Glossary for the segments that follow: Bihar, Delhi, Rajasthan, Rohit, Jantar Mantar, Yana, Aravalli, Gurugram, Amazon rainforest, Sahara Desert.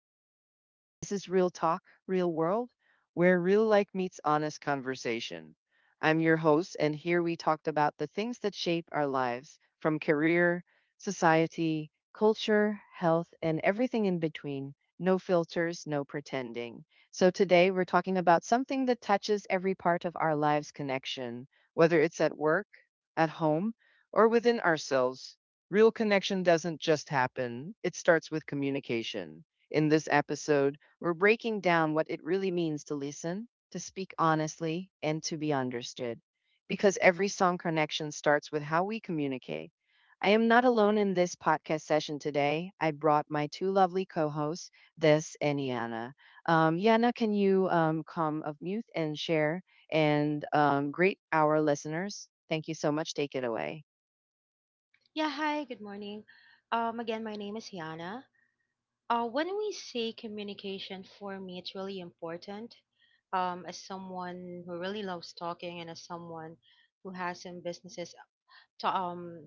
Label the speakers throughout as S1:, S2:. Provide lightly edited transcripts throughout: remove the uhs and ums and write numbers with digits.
S1: Good morning. This is Real Talk, Real World, where real life meets honest conversation. I'm your host, and here we talked about the things that shape our lives from career, society, culture, health, and everything in between. No filters, no pretending. So today we're talking about something that touches every part of our lives connection, whether it's at work, at home, or within ourselves. Real connection doesn't just happen, it starts with communication. In this episode, we're breaking down what it really means to listen, to speak honestly, and to be understood. Because every song connection starts with how we communicate. I am not alone in this podcast session today. I brought my two lovely co hosts, Des and Yana. Yana, can you come of mute and share and greet our listeners? Thank you so much. Take it away.
S2: Yeah, hi, good morning. Again, my name is Yana. When we say communication, for me, it's really important. As someone who really loves talking and as someone who has some businesses, to, um,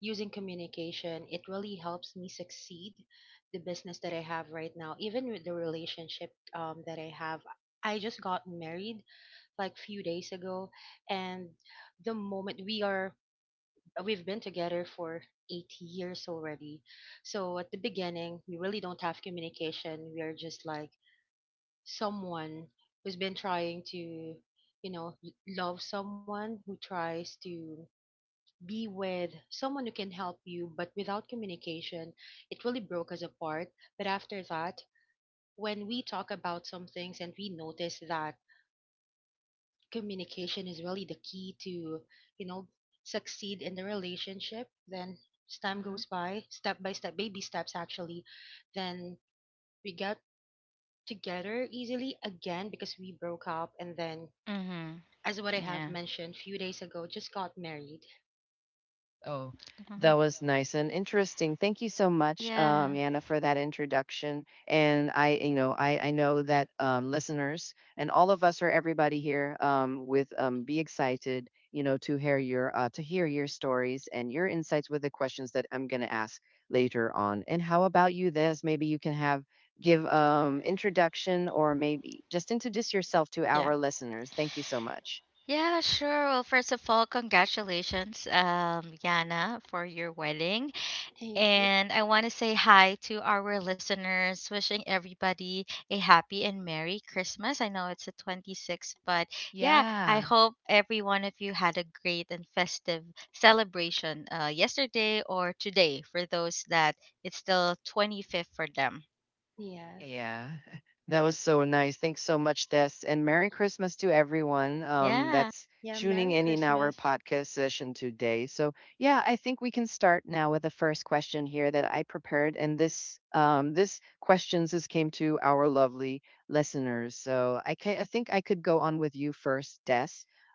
S2: using communication, it really helps me succeed the business that I have right now, even with the relationship that I have. I just got married like few days ago, and the moment we've been together for 8 years already. So at the beginning, we really don't have communication. We are just like someone who's been trying to, love someone who tries to be with someone who can help you, but without communication, it really broke us apart. But after that, when we talk about some things and we notice that communication is really the key to, you know, succeed in the relationship, then as time goes by step, baby steps actually, then we got together easily again, because we broke up and then,
S3: Mhm.
S2: as what I have
S3: Yeah.
S2: mentioned few days ago, just got married.
S1: Oh, that
S3: Mhm.
S1: was nice and interesting. Thank you so much,
S3: Yeah.
S1: Yana, for that introduction. And I know that listeners and all of us or everybody here with be excited, you know, to hear your stories and your insights with the questions that I'm going to ask later on. And how about you? This maybe you can have give introduction or maybe just introduce yourself to
S3: Yeah.
S1: our listeners. Thank you so much.
S3: Yeah, sure. Well, first of all, congratulations, Yana, for your wedding.
S2: Thank you.
S3: And I want to say hi to our listeners, wishing everybody a happy and merry Christmas. I know it's the 26th, but yeah, I
S1: Yeah.
S3: hope every one of you had a great and festive celebration yesterday or today for those that it's still 25th for them.
S2: Yes.
S1: Yeah. That was so nice. Thanks so much, Des. And Merry Christmas to everyone
S3: Yeah.
S1: that's
S2: Yeah,
S1: tuning
S2: Merry
S1: in our
S2: Christmas.
S1: podcast session today. So, yeah, I think we can start now with the first question here that I prepared. And this questions this came to our lovely listeners. So I think I could go on with you first, Des.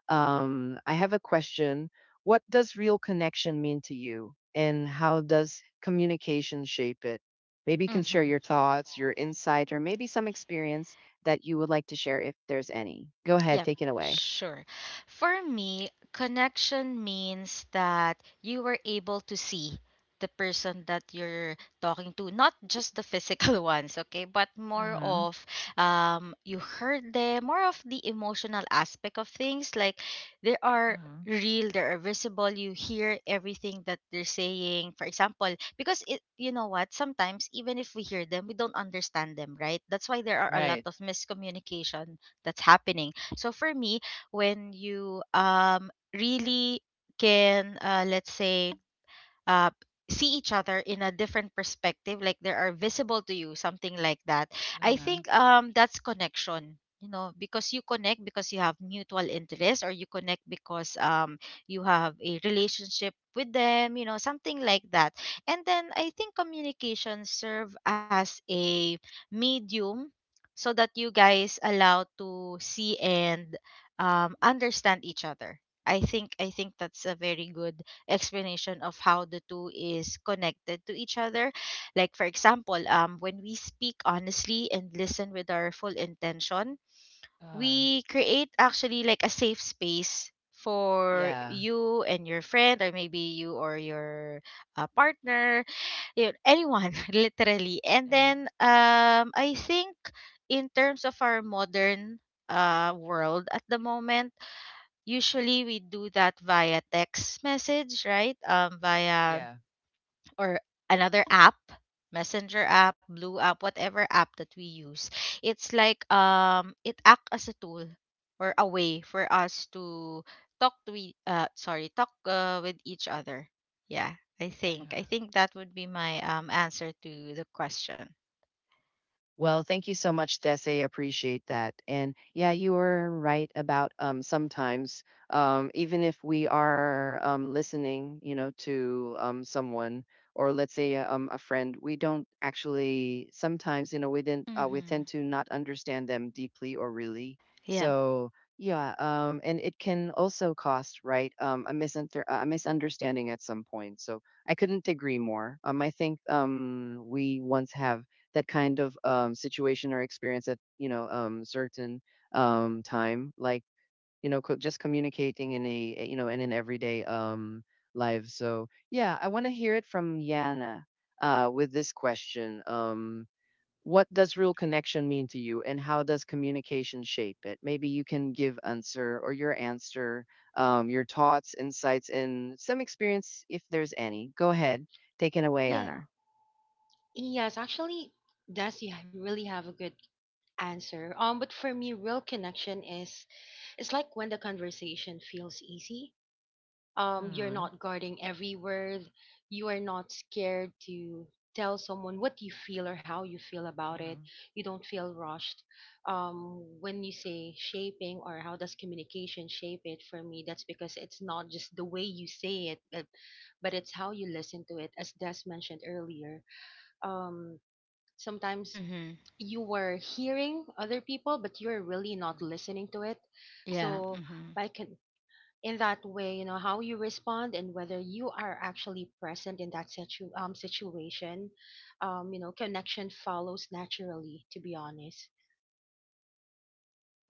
S1: I have a question. What does real connection mean to you? And how does communication shape it? Maybe you can share
S3: Hmm.
S1: your thoughts, your insight, or maybe some experience that you would like to share if there's any. Go ahead,
S3: Yep,
S1: take it away.
S3: sure. For me, connection means that you were able to see the person that you're talking to, not just the physical ones, okay, but more
S1: Uh-huh.
S3: of you heard them, more of the emotional aspect of things. Like they are
S1: Uh-huh.
S3: real, they are visible, you hear everything that they're saying. For example, because it, you know what, sometimes even if we hear them, we don't understand them, right? That's why there are a lot
S1: Right.
S3: of miscommunication that's happening. So for me, when you really can, let's say, uh, see each other in a different perspective, like they are visible to you, something like that. I
S1: Uh-huh.
S3: think that's connection. You know, because you connect because you have mutual interest, or you connect because you have a relationship with them, something like that. And then I think communication serve as a medium so that you guys allow to see and understand each other. I think that's a very good explanation of how the two is connected to each other. Like for example, when we speak honestly and listen with our full intention,
S1: Uh,
S3: we create actually like a safe space for
S1: yeah.
S3: you and your friend, or maybe you or your, partner, you, anyone literally. And
S1: And
S3: then I think, in terms of our modern world at the moment, usually we do that via text message, right? Via,
S1: yeah.
S3: or another app, Messenger app, Blue app, whatever app that we use. It's like, it act as a tool or a way for us to talk to sorry, talk with each other. Yeah, I think
S1: Uh-huh.
S3: I think that would be my answer to the question.
S1: Well, thank you so much, Desi. Appreciate that. And yeah, you were right about sometimes, even if we are listening, you know, to someone or let's say a friend, we don't actually sometimes, you know, we tend
S3: Mm-hmm.
S1: to not understand them deeply or really.
S3: Yeah.
S1: So yeah, and it can also cost right a a misunderstanding at some point. So I couldn't agree more. I think we once have that kind of situation or experience at you know certain time like you know just communicating in you know in an everyday life. So yeah, I want to hear it from Yana with this question. What does real connection mean to you, and how does communication shape it? Maybe you can give answer or your answer, your thoughts, insights, and some experience if there's any. Go ahead, take it away,
S2: Yeah.
S1: Anna.
S2: Yes, actually, does, yeah, really have a good answer. But for me, real connection is it's like when the conversation feels easy,
S1: All
S2: you're
S1: right.
S2: not guarding every word. You are not scared to tell someone what you feel or how you feel
S1: All
S2: about it.
S1: right.
S2: You don't feel rushed. When you say shaping or how does communication shape it, for me, that's because it's not just the way you say it, but it's how you listen to it. As Des mentioned earlier, um, sometimes
S3: Mm-hmm.
S2: you were hearing other people, but you're really
S1: Yeah.
S2: not listening to it.
S3: Yeah.
S2: So,
S3: Mm-hmm.
S2: by con- in that way, you know how you respond and whether you are actually present in that situation. Connection follows naturally, to be honest.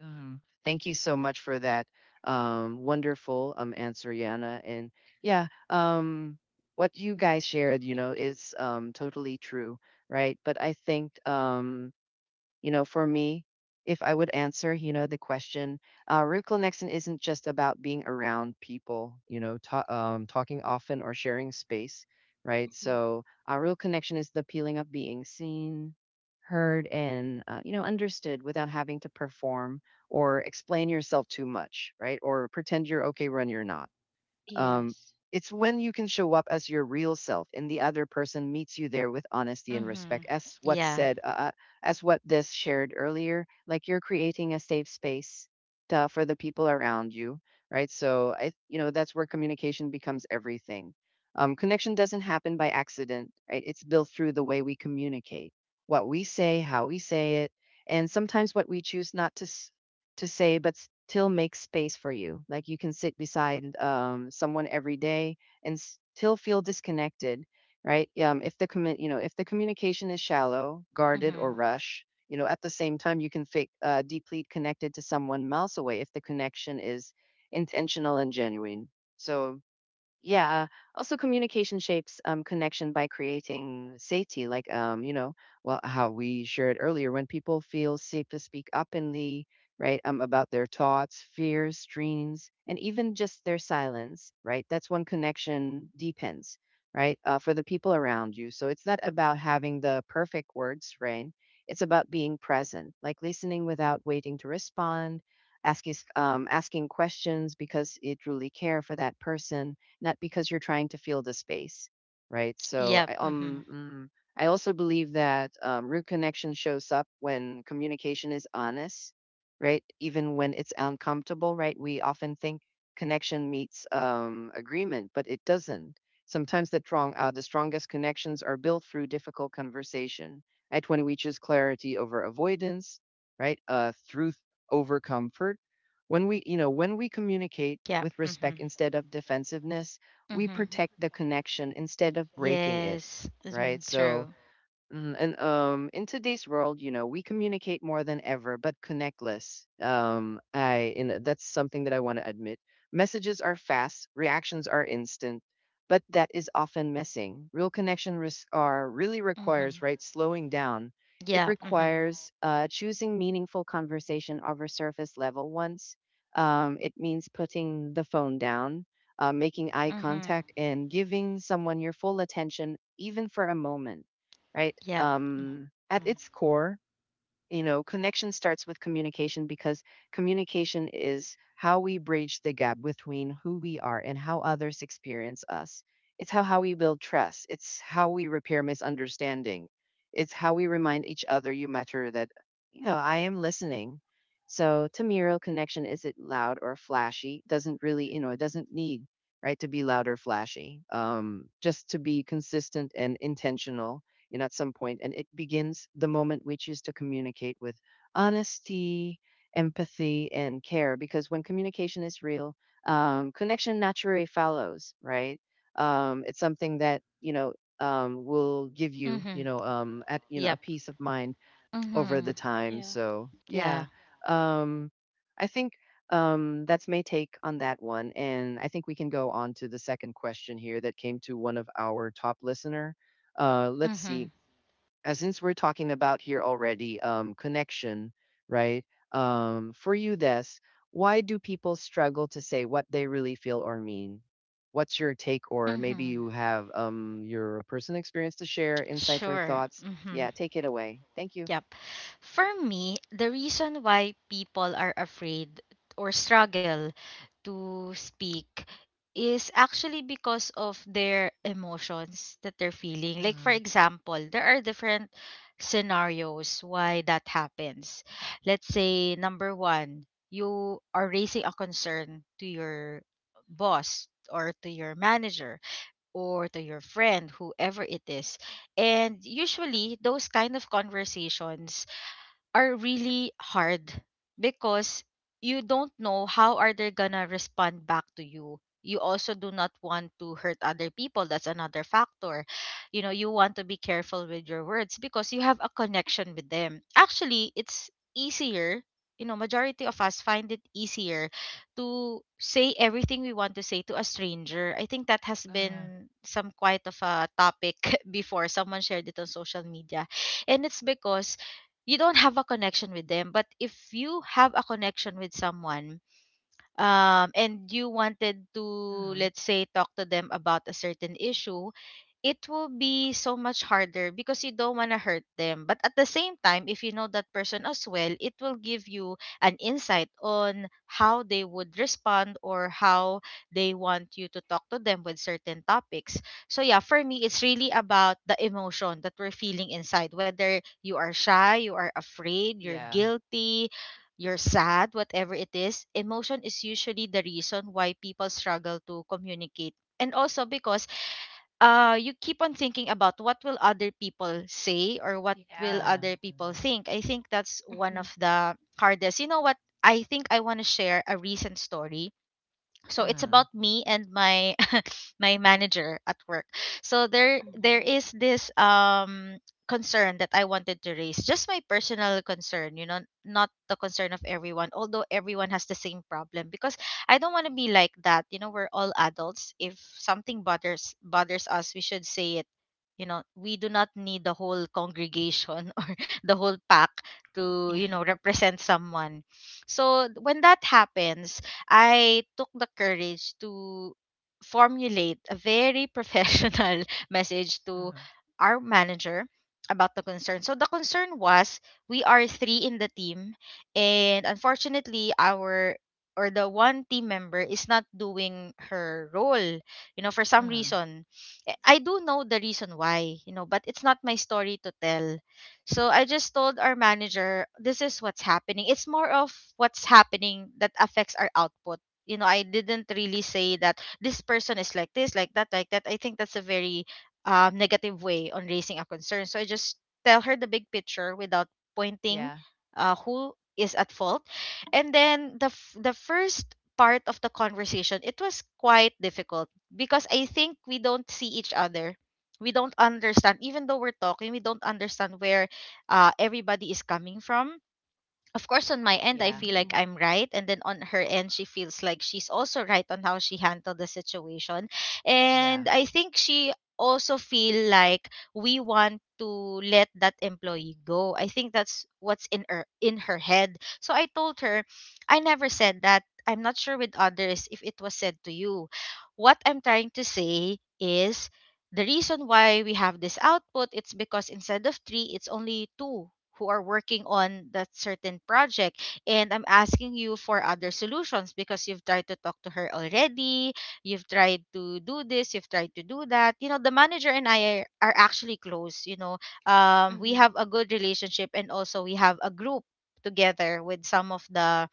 S1: Thank you so much for that wonderful answer, Yana. And yeah, what you guys shared, you know, is totally true, right? But I think you know, for me, if I would answer, you know, the question, real connection isn't just about being around people, you know, talking often or sharing space, right?
S2: Hmm.
S1: So, a real connection is the feeling of being seen, heard, and, you know, understood without having to perform or explain yourself too much, right? Or pretend you're okay when you're not. um,
S2: Yes.
S1: it's when you can show up as your real self and the other person meets you there with honesty and
S3: Mm-hmm.
S1: respect as what
S3: Yeah.
S1: said as what this shared earlier, like you're creating a safe space to, for the people around you, right? So I you know that's where communication becomes everything. Connection doesn't happen by accident, right? It's built through the way we communicate, what we say, how we say it, and sometimes what we choose not to to say, but still make space for you. Like you can sit beside someone every day and still feel disconnected, right? If the you know if the communication is shallow, guarded, or
S3: Mm-hmm.
S1: rush, you know, at the same time you can fake deeply connected to someone miles away if the connection is intentional and genuine. So yeah. Also, communication shapes connection by creating safety, like you know, well, how we shared earlier. When people feel safe to speak openly, right, about their thoughts, fears, dreams, and even just their silence, right? That's when connection deepens, right, for the people around you. So it's not about having the perfect words, right? It's about being present, like listening without waiting to respond, asking questions because you truly care for that person, not because you're trying to fill the space, right? So
S3: Yep. Mm-hmm.
S1: I also believe that root connection shows up when communication is honest, right? Even when it's uncomfortable, right? We often think connection meets agreement, but it doesn't. Sometimes the strongest connections are built through difficult conversation. Right when we choose clarity over avoidance, right? Truth over comfort when we, you know, when we communicate
S3: Yeah.
S1: with respect
S3: Mhm.
S1: instead of defensiveness, we
S3: Mhm.
S2: Hmm.
S1: protect the connection instead of breaking it,
S3: Yes.
S1: right?
S3: Mhm.
S1: So,
S3: True.
S1: And in today's world, you know, we communicate more than ever, but connect less. I and that's something that I want to admit. Messages are fast, reactions are instant, but that is often missing. Real connection are really requires
S3: Mhm.
S1: right slowing down. It
S3: Yeah. Mhm.
S1: requires choosing meaningful conversation over surface level ones. It means putting the phone down, making eye
S3: Mhm.
S1: contact, and giving someone your full attention, even for a moment, right?
S3: Yep. Mhm.
S1: At its core, you know, connection starts with communication because communication is how we bridge the gap between who we are and how others experience us. It's how we build trust, it's how we repair misunderstanding, it's how we remind each other you matter that, you know, I am listening. So to me, real connection isn't loud or flashy, doesn't really, you know, it doesn't need right to be loud or flashy, just to be consistent and intentional, you know, at some point, and it begins the moment we choose to communicate with honesty, empathy, and care. Because when communication is real, connection naturally follows, right? It's something that you know will give you,
S3: Mhm.
S1: you know,
S3: Yep.
S1: a peace of mind over
S3: Mhm.
S1: the time.
S2: Yeah.
S1: So
S3: Yeah.
S1: yeah, um, I think that's my take on that one, and I think we can go on to the second question here that came to one of our top listener. Let's
S3: Mhm.
S1: see since we're talking about here already connection, right? For you, Des, why do people struggle to say what they really feel or mean? What's your take, or maybe
S3: Mhm.
S1: you have your personal experience to share, insights or
S3: Sure.
S1: thoughts?
S3: Mhm.
S1: Yeah, take it away. Thank you.
S3: Yep. For me, the reason why people are afraid or struggle to speak is actually because of their emotions that they're feeling. Like, for
S1: Mm,
S3: example, there are different scenarios why that happens. Let's say, number one, you are raising a concern to your boss, or to your manager, or to your friend, whoever it is. And usually, those kind of conversations are really hard because you don't know how are they gonna respond back to you. You also do not want to hurt other people. That's another factor. You know, you want to be careful with your words because you have a connection with them. Actually, it's easier, majority of us find it easier to say everything we want to say to a stranger. I think that has
S1: uh,
S3: been some quite of a topic before someone shared it on social media. And it's because you don't have a connection with them. But if you have a connection with someone, and you wanted to,
S1: mm,
S3: let's say, talk to them about a certain issue, it will be so much harder because you don't want to hurt them. But at the same time, if you know that person as well, it will give you an insight on how they would respond, or how they want you to talk to them with certain topics. So, yeah, for me, it's really about the emotion that we're feeling inside, whether you are shy, you are afraid, you're
S1: yeah.
S3: guilty. You're sad, whatever it is, emotion is usually the reason why people struggle to communicate. And also because you keep on thinking about what will other people say, or what will
S1: Yeah.
S3: other people
S1: Mm,
S3: think. I think that's one
S2: Hmm.
S3: of the hardest. You know what, I think I want to share a recent story. So it's
S1: mm,
S3: about me and my my manager at work. So there
S2: Hmm.
S3: is this concern that I wanted to raise. Just my personal concern, you know, not the concern of everyone. Although everyone has the same problem, because I don't want to be like that. You know, we're all adults. If something bothers us, we should say it. You know, we do not need the whole congregation or the whole pack to,
S2: Yeah.
S3: you know, represent someone. So when that happens, I took the courage to formulate a very professional message to
S1: mm,
S3: our manager about the concern. So the concern was we are three in the team, and unfortunately, our or the one team member is not doing her role, you know, for some
S1: mm,
S3: reason. I do know the reason why, you know, but it's not my story to tell. So I just told our manager, this is what's happening. It's more of what's happening that affects our output. You know, I didn't really say that this person is like this, like that, like that. I think that's a very negative way on raising a concern. So I just tell her the big picture without pointing
S1: yeah.
S3: who is at fault. And then the the first part of the conversation, it was quite difficult because I think we don't see each other. We don't understand, even though we're talking, we don't understand where everybody is coming from. Of course, on my end, I
S1: Yeah.
S3: feel
S2: Hmm.
S3: like I'm right. And then on her end, she feels like she's also right on how she handled the situation.
S1: Yeah.
S3: And I think she also feel like we want to let that employee go. I think that's what's in her head. So I told her, I never said that. I'm not sure with others if it was said to you. What I'm trying to say is the reason why we have this output, it's because instead of 3 it's only 2 who are working on that certain project, and I'm asking you for other solutions because you've tried to talk to her already, you've tried to do this, you've tried to do that. You know, the manager and I are actually close, you know. We
S2: Hmm.
S3: have a good relationship, and also we have a group together with some of the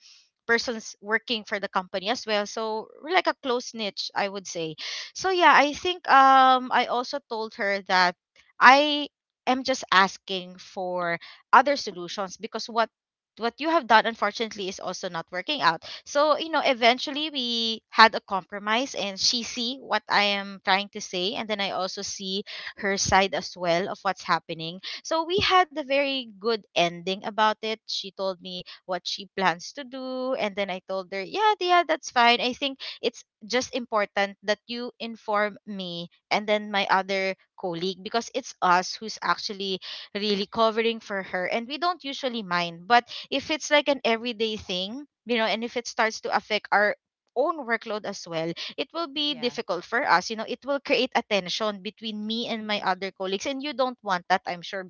S3: persons working for the company as well, so we're like a close niche, I would say. So yeah, I think I also told her that I am just asking for other solutions, because what you have done, unfortunately, is also not working out. So, you know, eventually we had a compromise, and she see what I am trying to say, and then I also see her side as well of what's happening. So we had a very good ending about it. She told me what she plans to do. And then I told her, yeah, yeah, that's fine. I think it's just important that you inform me and then my other colleague, because it's us who's actually really covering for her. And we don't usually mind. But if it's like an everyday thing, you know, and if it starts to affect our own workload as well, it will be
S1: Yeah.
S3: difficult for us. You know, it will create a tension between me and my
S2: Hmm.
S3: other colleagues. And you don't want that, I'm sure,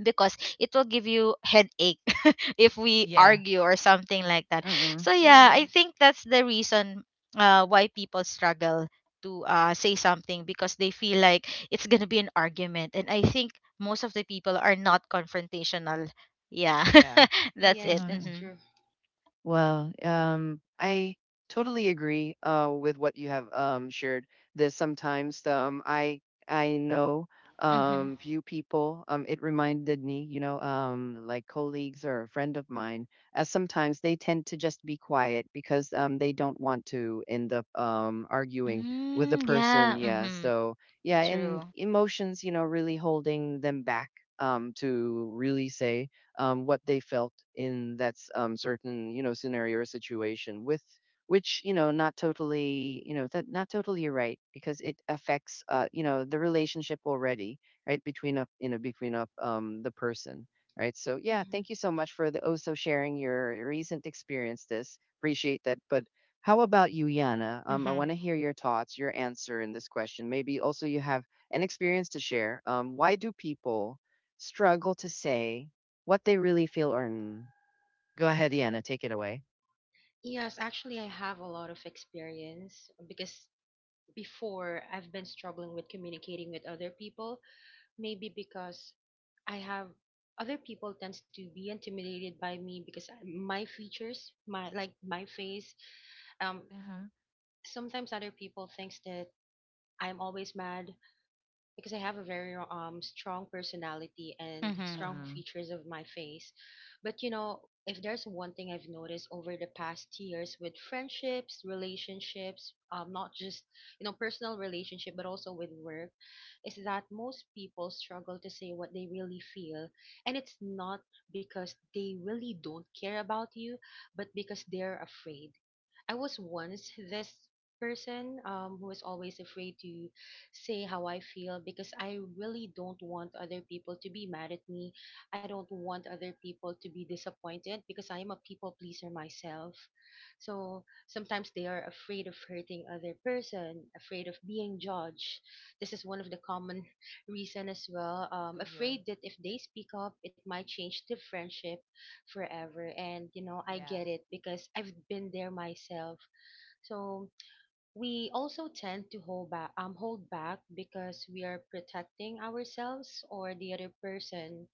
S3: because it will give you headache if we
S1: Yeah.
S3: argue or something like that.
S1: Mm-mm.
S3: So yeah, I
S2: Yes.
S3: think that's the reason why people struggle to say something, because they feel like it's gonna be an argument, and I think most of the people are not confrontational. Yeah,
S1: Yeah.
S3: that's it.
S2: Yes,
S1: Uh-huh.
S2: that's
S3: Mm-hmm.
S2: true.
S1: Well, I totally agree with what you have shared. This sometimes um, I know
S3: Mm-hmm.
S1: few people. It reminded me, you know, like colleagues or a friend of mine, as sometimes they tend to just be quiet because they don't want to end up arguing with the
S3: Mm,
S1: person.
S3: yeah.
S1: Yeah.
S3: Mm-hmm.
S1: So
S2: Yeah.
S1: yeah, and
S3: True.
S1: emotions, you know, really holding them back to really say what they felt in that certain you know scenario or situation with which you know not totally you know that not totally you're right because it affects you know the relationship already right between up you know between up the person, right? So yeah,
S2: Hmm.
S1: thank you so much for the also sharing your recent experience this appreciate that. But how about you, Yana? I want
S3: Mm-hmm.
S1: to hear your thoughts, your answer in this question. Maybe also you have an experience to share. Why do people struggle to say what they really feel or mm. Go ahead, Yana, take it away.
S2: Yes, actually, I have a lot of experience, because before, I've been struggling with communicating with other people. Maybe because I have other people tends to be intimidated by me, because my features, my, like, my face. Um,
S1: Uh-huh.
S2: Sometimes other people thinks that I'm always mad, because I have a very strong personality and
S3: Mm-hmm.
S2: strong
S1: Um,
S2: features of my face. But, if there's one thing I've noticed over the past years with friendships, relationships, not just, personal relationship but also with work, is that most people struggle to say what they really feel. And it's not because they really don't care about you, but because they're afraid. I was once this person, who is always afraid to say how I feel because I really don't want other people to be mad at me. I don't want other people to be disappointed because I am a people pleaser myself. So sometimes they are afraid of hurting other person, afraid of being judged. This is one of the common reason as well.
S1: Yeah.
S2: Afraid that if they speak up, it might change the friendship forever, and I
S1: Yeah.
S2: get it because I've been there myself. So we also tend to hold back, because we are protecting ourselves or the other person,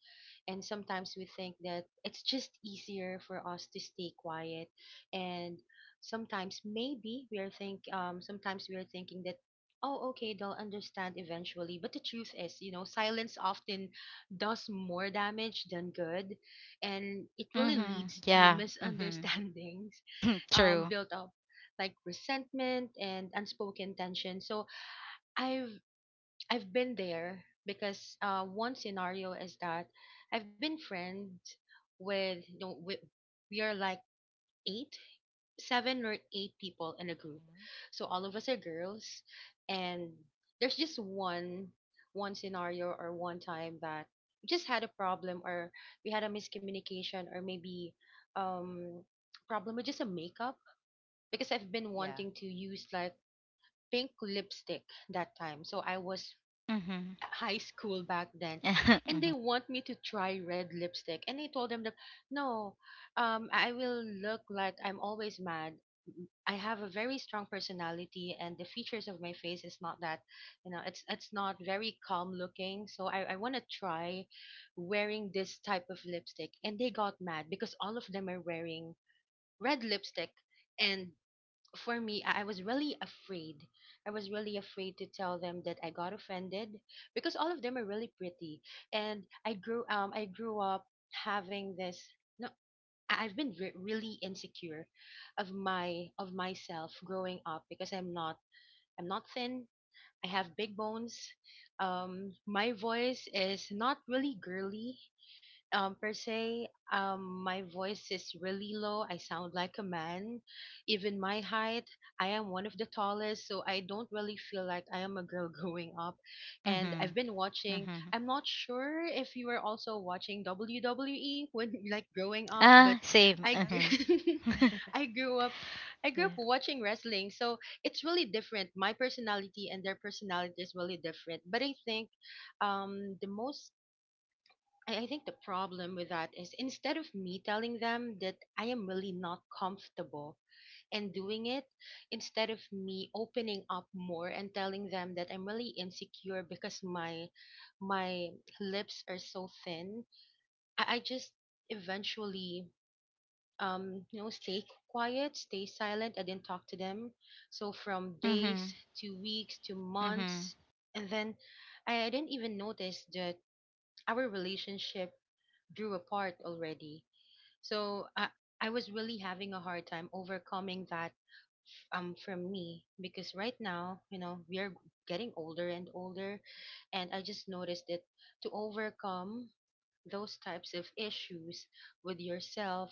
S2: and sometimes we think that it's just easier for us to stay quiet. And sometimes maybe we are thinking that, oh, okay, they'll understand eventually. But the truth is, silence often does more damage than good, and it really
S3: Mm-hmm.
S2: leads to
S3: Yeah. Mm-hmm.
S2: misunderstandings,
S3: True.
S2: built up like resentment and unspoken tension. So I've I've been there, because one scenario is that I've been friend with you know we, are like eight, seven or eight people in a group,
S1: hmm
S2: so all of us are girls, and there's just one scenario or one time that we just had a problem, or we had a miscommunication, or maybe um problem with just a makeup, because I've been
S1: Yeah.
S2: wanting to use like pink lipstick that time, so I was
S3: Mm-hmm.
S2: high school back then, and
S3: Mm-hmm.
S2: they want me to try red lipstick, and I told them that no, I will look like I'm always mad. I have a very strong personality, and the features of my face is not that, it's not very calm looking. So I want to try wearing this type of lipstick, and they got mad because all of them are wearing red lipstick. And for me, I was really afraid. I was really afraid to tell them that I got offended, because all of them are really pretty, and I grew up having this. No, I've been really insecure of my of myself growing up, because I'm not thin. I have big bones. My voice is not really girly, per se. My voice is really low, I sound like a man. Even my height, I am one of the tallest, so I don't really feel like I am a girl growing up. And
S3: Mm-hmm.
S2: I've been watching
S3: Mm-hmm.
S2: I'm not sure if you were also watching WWE when like growing up, but
S3: Ah, same.
S2: i
S3: Mm-hmm.
S2: g- i grew up I grew up
S3: Yeah.
S2: watching wrestling. So it's really different, my personality and their personality is really different. But um the most I think the problem with that is, instead of me telling them that I am really not comfortable and doing it, instead of me opening up more and telling them that I'm really insecure because my lips are so thin, I just eventually, stay quiet, stay silent. I didn't talk to them. So from days
S3: Mhm.
S2: to weeks to
S3: Mhm.
S2: months, and then I didn't even notice that our relationship drew apart already. So I was really having a hard time overcoming that, from me, because right now, we are getting older and older, and I just noticed that to overcome those types of issues with yourself,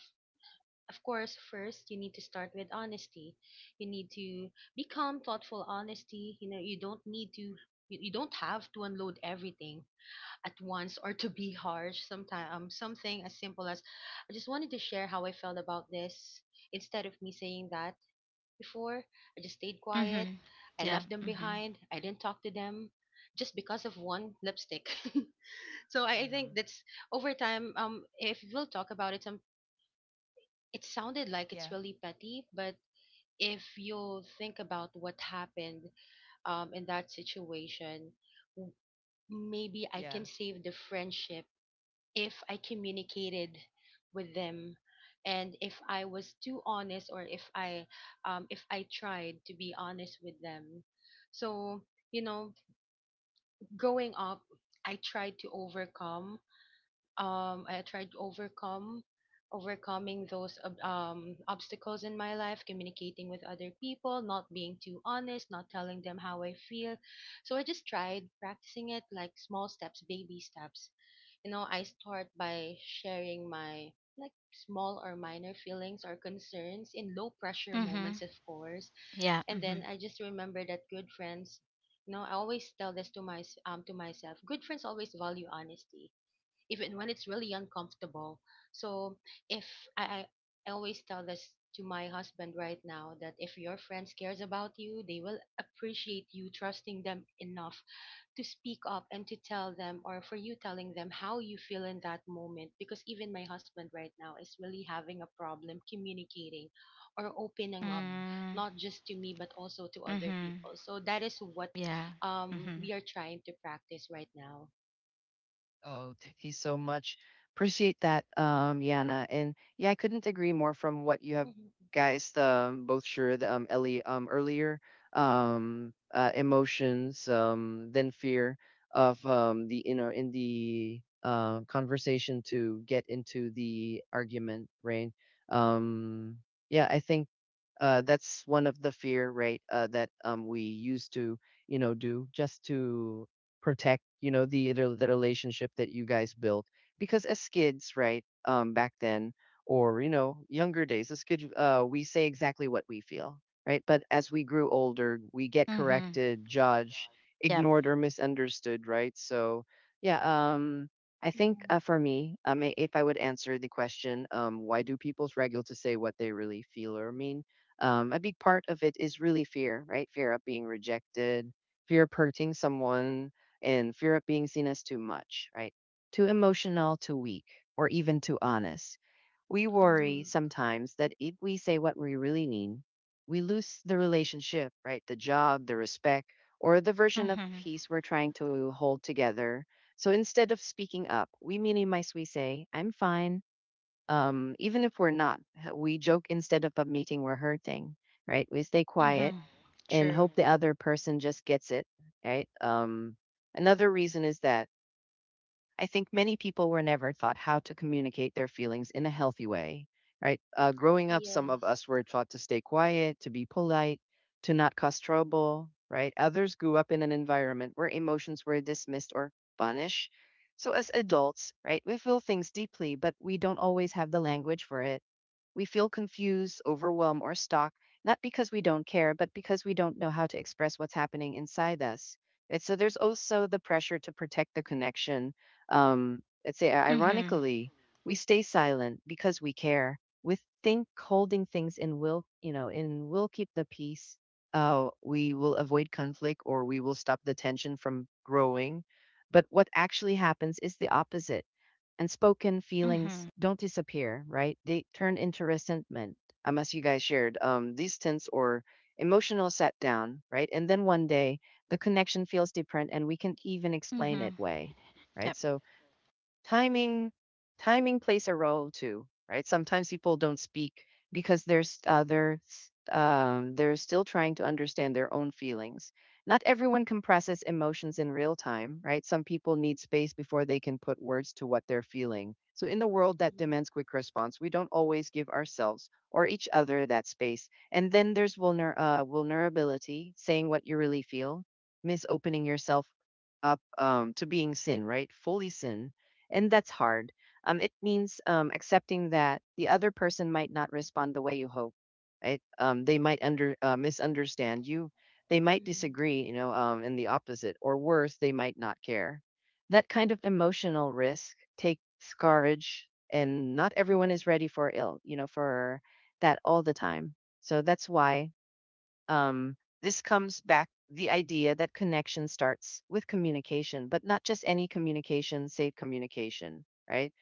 S2: of course, first you need to start with honesty. You need to become thoughtful honesty. You don't have to unload everything at once or to be harsh sometimes, something as simple as, I just wanted to share how I felt about this, instead of me saying that before, I just stayed quiet,
S3: Mhm.
S2: I
S3: Yeah.
S2: left them
S3: Mhm.
S2: behind, I didn't talk to them, just because of one lipstick. So
S1: And?
S2: I
S1: Uh-huh.
S2: think that's, over time, if we'll talk about it, some, it sounded like it's
S1: Yeah.
S2: really petty, but if you think about what happened in that situation, w- maybe I
S1: Yeah.
S2: can save the friendship if I communicated with them, and if I was too honest, or if I tried to be honest with them. So, you know, growing up, I tried to overcome I tried to overcome overcoming those obstacles in my life, communicating with other people, not being too honest, not telling them how I feel. So I just tried practicing it like small steps, baby steps. I start by sharing my, like, small or minor feelings or concerns in low pressure
S3: Mhm.
S2: moments, of course.
S3: Yeah.
S2: And then
S3: Mhm.
S2: I just remember that good friends, I always tell this to my to myself. Good friends always value honesty, even when it's really uncomfortable. So if I, I always tell this to my husband right now, that if your friends cares about you, they will appreciate you trusting them enough to speak up and to tell them, or for you telling them how you feel in that moment, because even my husband right now is really having a problem communicating or opening up,
S1: Mm-mm.
S3: Mm.
S2: not just to me but also to other
S3: Mhm.
S2: people. So that is what,
S3: Yeah. Mhm.
S2: we are trying to practice right now.
S1: Oh, thank you so much. Appreciate that, Yana. And yeah, I couldn't agree more from what you
S2: Mhm.
S1: have guys both shared Ellie earlier. Emotions, then fear of the you know in the conversation to get into the argument, right? Um, yeah, I think that's one of the fear, right? That we used to, you know, do just to protect, you know, the relationship that you guys built. Because as kids, right, back then, younger days, as kids, we say exactly what we feel, right? But as we grew older, we get
S3: Mhm.
S1: corrected, judged,
S3: Yep.
S1: ignored, or misunderstood, right? So, yeah, um. I think
S2: Mhm.
S1: for me, if I would answer the question, why do people's struggle to say what they really feel or mean? A big part of it is really fear, right? Fear of being rejected, fear of hurting someone, and fear of being seen as too much, right? Too emotional, too weak, or even too honest. We
S2: Mhm.
S1: worry sometimes that if we say what we really mean, we lose the relationship, right? The job, the respect, or the version of
S3: Mhm.
S1: peace we're trying to hold together. So instead of speaking up, we minimize, we say, I'm fine even if we're not. We joke instead of admitting we're hurting, right? We stay quiet
S3: Mhm.
S1: and
S3: True.
S1: hope the other person just gets it, right? Another reason is that I think many people were never taught how to communicate their feelings in a healthy way, right? Growing up, some of
S2: Yes.
S1: us were taught to stay quiet, to be polite, to not cause trouble, right? Others grew up in an environment where emotions were dismissed or punished. So, as adults, right, we feel things deeply, but we don't always have the language for it. We feel confused, overwhelmed, or stuck, not because we don't care, but because we don't know how to express what's happening inside us. And so there's also the pressure to protect the connection let's say,
S3: Mhm.
S1: ironically, we stay silent because we care. We think holding things in will keep the peace. We will avoid conflict or we will stop the tension from growing. But what actually happens is the opposite. And spoken feelings
S3: Mhm.
S1: don't disappear, right? They turn into resentment, as you guys shared, distance or emotional set down, right? And then one day the connection feels different and we can even explain it
S3: Mhm.
S1: way, right?
S3: Yep.
S1: So timing timing plays a role too, right? Sometimes people don't speak because they're still trying to understand their own feelings. Not everyone compresses emotions in real time, right? Some people need space before they can put words to what they're feeling. So in the world that
S2: Mhm.
S1: demands quick response, we don't always give ourselves or each other that space. And then there's vulnerability. Saying what you really feel miss opening yourself up to being sin, right, fully sin, and that's hard. It means accepting that the other person might not respond the way you hope. Right? They might under misunderstand you. They might
S2: Mhm.
S1: disagree. You know, and the opposite, or worse, they might not care. That kind of emotional risk takes courage, and not everyone is ready for ill. You know, for that all the time. So that's why um, this comes back the idea that connection starts with communication, but not just any communication, safe communication, right?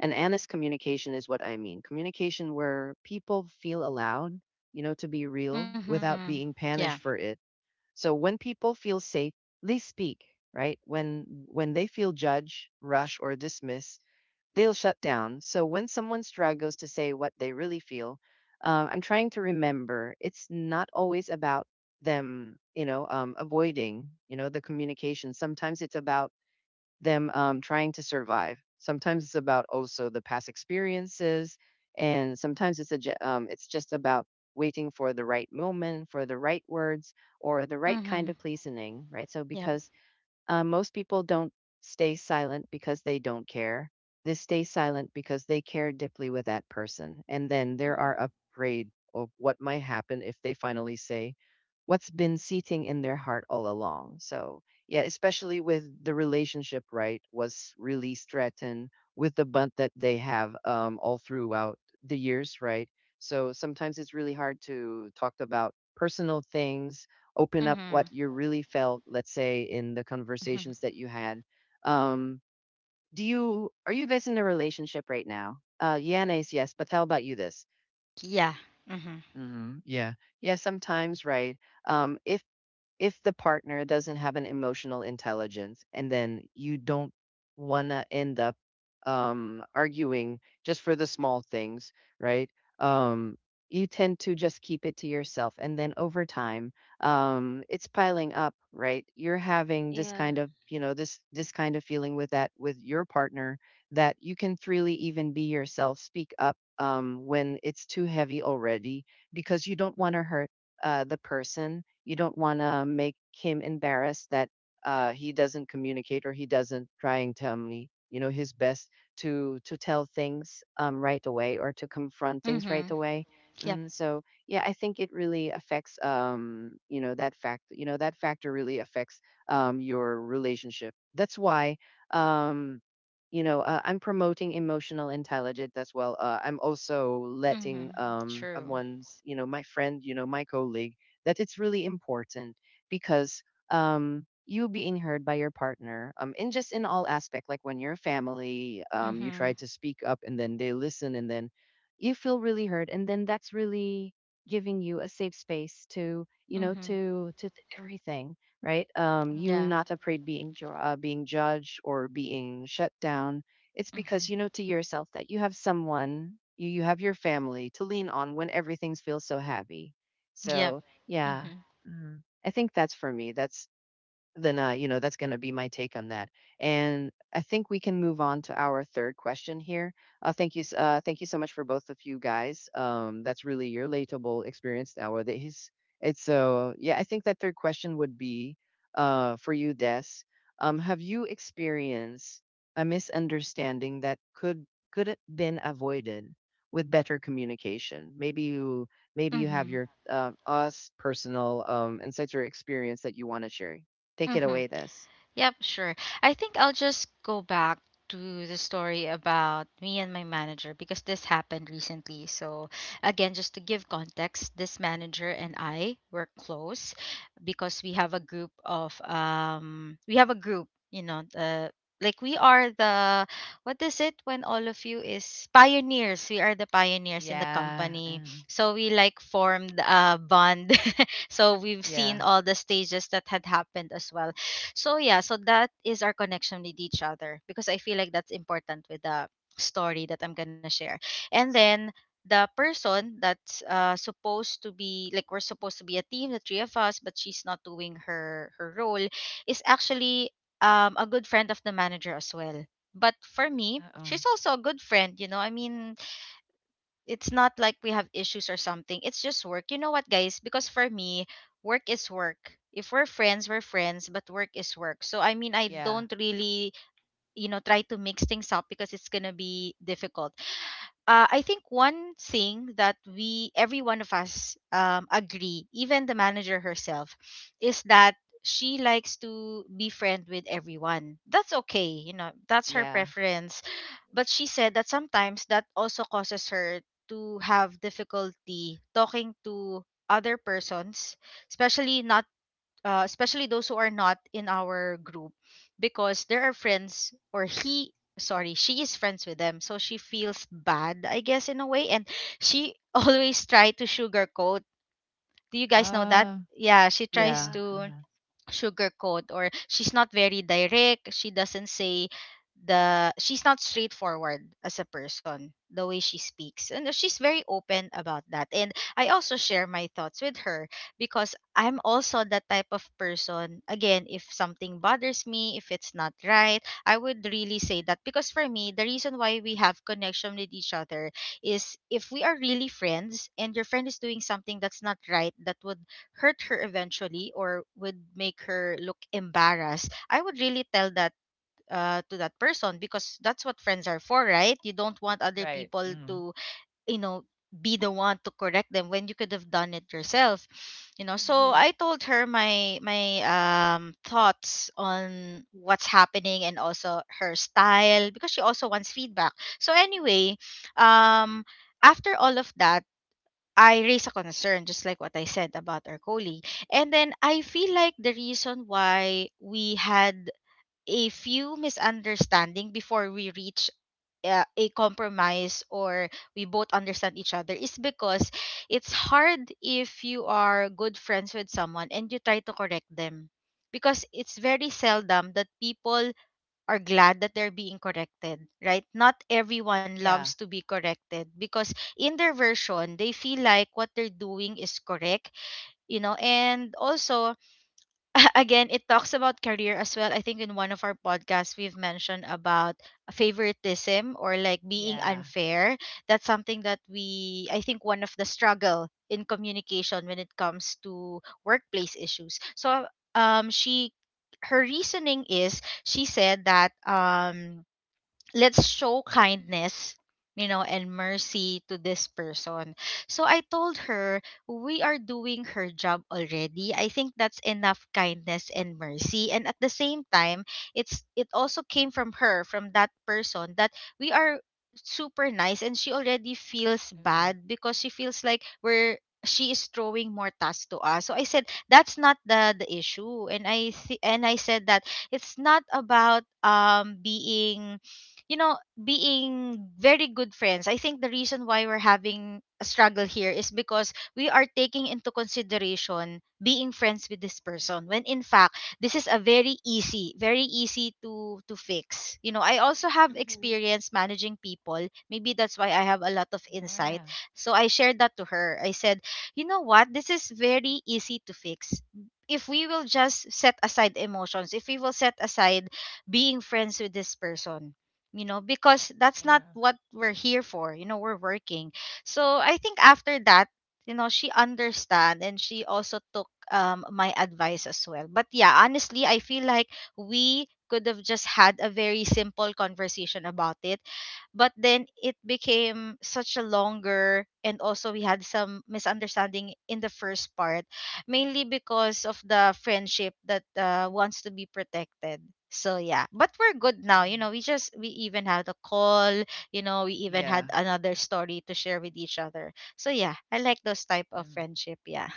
S1: And honest communication is what I mean. Communication where people feel allowed, to be real
S3: Mhm.
S1: without being
S3: Yeah.
S1: punished for it. So when people feel safe, they speak, right? When they feel judged, rushed, or dismissed, they'll shut down. So when someone struggles to say what they really feel, I'm trying to remember it's not always about them, avoiding, the communication. Sometimes it's about them trying to survive. Sometimes it's about also the past experiences, and sometimes it's just about waiting for the right moment, for the right words, or the right kind
S3: Mhm.
S1: of pleasing, right? So
S3: Yep.
S1: because most people don't stay silent because they don't care. They stay silent because they care deeply with that person. And then they are
S2: Mhm.
S1: afraid of what might happen if they finally say what's been seething in their heart all along. So, yeah, especially with the relationship, right, was really threatened with the bond that they have all throughout the years, right? So sometimes it's really hard to talk about personal things, open up
S3: Mhm.
S1: what you really felt, let's say, in the
S3: Mhm.
S1: conversations that you had. Um, do you are you guys in a relationship right now? Yana is yes, but how about you? This,
S3: Yeah. Mhm.
S1: hmm, yeah, yeah. Sometimes, right? Um, if if the partner doesn't have an emotional intelligence and then you don't want to end up arguing just for the small things, right? Um, you tend to just keep it to yourself. And then over time, it's piling up, right? You're having this
S2: Yeah.
S1: kind of, you know, this kind of feeling with that, with your partner that you can freely even be yourself, speak up when it's too heavy already, because you don't want to hurt the person. You don't want to make him embarrassed that he doesn't communicate or he doesn't try and tell me you know his best to tell things right away or to confront things right
S3: Mhm.
S1: away.
S3: Yep.
S1: And so yeah, I think it really affects you know that factor really affects your relationship. That's why um you know I'm promoting emotional intelligence as well. Uh, I'm also letting
S3: Mhm. True.
S1: one's you know my friend you know my colleague that it's really important, because you being heard by your partner in just in all aspect, like when your family you try
S3: Mhm.
S1: to speak up and then they listen and then you feel really heard, and then that's really giving you a safe space to you know
S3: Mhm.
S1: everything, right? Um, you
S3: Yeah.
S1: not afraid being being judged or being shut down. It's because
S3: Mhm.
S1: you know to yourself that you have someone, you have your family to lean on when everything feels so happy.
S3: Yep.
S1: So yeah.
S3: Mhm.
S1: Mhm. I think that's for me. That's then you know that's going to be my take on that. And I think we can move on to our third question here. Thank you so much for both of you guys. That's really your relatable experience nowadays. It's so yeah. I think that third question would be for you, Des. Have you experienced a misunderstanding that could have been avoided with better communication? Maybe you have
S3: Mhm.
S1: your us personal insights or experience that you want to share. Take it
S3: Mhm.
S1: away, this.
S3: Yep, sure. I think I'll just go back to the story about me and my manager because this happened recently. So, again, just to give context, this manager and
S1: Uh,
S3: I were close because we have a group of we have a group, like we are the, what is it when all of you is pioneers, we are the pioneers in the
S1: yeah.
S3: company. So we, like, formed a bond, so we've seen
S1: Yeah.
S3: all the stages that had happened as well. So yeah, so that is our connection with each other, because I feel like that's important with the story that I'm gonna share. And then the person that's supposed to be, like, we're supposed to be a team, the three of us, but she's not doing her role is actually a good friend of the manager as well. But for me
S1: Uh-uh.
S3: she's also a good friend, you know, I mean, it's not like we have issues or something. It's just work. You know what, guys? Because for me, work is work. If we're friends, we're friends, but work is work. So I mean, I
S1: Yeah.
S3: don't really, you know, try to mix things up because it's gonna be difficult. I think one thing that we, every one of us, agree, even the manager herself, is that she likes to be friend with everyone. That's okay, you know, that's her
S1: Yeah.
S3: preference. But she said that sometimes that also causes her to have difficulty talking to other persons, especially not, especially those who are not in our group, because there are friends, or he, sorry, she is friends with them, so she feels bad, I guess, in a way. And she always try to sugarcoat, do you guys know that?
S1: Uh,
S3: Yeah, she tries
S1: yeah.
S2: Yeah.
S3: to sugarcoat, or she's not very direct, she doesn't say the she's not straightforward as a person, the way she speaks, and she's very open about that, and I also share my thoughts with her. Because I'm also the type of person, again, if something bothers me, if it's not right, I would really say that, because for me, the reason why we have connection with each other is, if we are really friends and your friend is doing something that's not right that would hurt her eventually, or would make her look embarrassed, I would really tell that to that person, because that's what friends are for, right? You don't want other
S1: Right.
S3: people
S1: Mm.
S3: to, you know, be the one to correct them when you could have done it yourself, you know. So
S2: Hmm.
S3: I told her my thoughts on what's happening, and also her style, because she also wants feedback. So anyway, um after all of that, I raise a concern, just like what I said about our colleague. And then I feel like the reason why we had a few misunderstanding before we reach a compromise, or we both understand each other, is because it's hard if you are good friends with someone and you try to correct them, because it's very seldom that people are glad that they're being corrected, right? Not everyone
S1: Yeah.
S3: loves to be corrected because in their version, they feel like what they're doing is correct, you know. And also, again, it talks about career as well, I think in one of our podcasts we've mentioned about favoritism, or like being
S1: Yeah.
S3: unfair. That's something that we, I think, one of the struggle in communication when it comes to workplace issues. So, she, her reasoning is, she said that let's show kindness, you know, and mercy to this person. So I told her, we are doing her job already, I think that's enough kindness and mercy. And at the same time, it also came from her, from that person, that we are super nice, and she already feels
S1: Uh,
S3: bad because she feels like we're she is throwing more tasks to us. So I said that's not the issue. And I said that it's not about being, you know, being very good friends. I think the reason why we're having a struggle here is because we are taking into consideration being friends with this person, when in fact this is a very easy, very easy to fix. You know, I also have
S2: Hmm.
S3: experience managing people, maybe that's why I have a lot of insight.
S1: yeah.
S3: So I shared that to her, I said, you know what, this is very easy to fix. If we will just set aside emotions, if we will set aside being friends with this person, you know, because that's not
S1: Yeah.
S3: what we're here for, you know, we're working. So I think after that, you know, she understand, and she also took my advice as well. But yeah, honestly I feel like we could have just had a very simple conversation about it, but then it became such a longer. And also, we had some misunderstanding in the first part, mainly because of the friendship that wants to be protected. So yeah, but we're good now. You know, we
S1: Uh,
S3: just we even had a call. You know, we even had
S1: yeah.
S3: another story to share with each other. So yeah, I like those type of
S1: Uh,
S3: friendship. Yeah.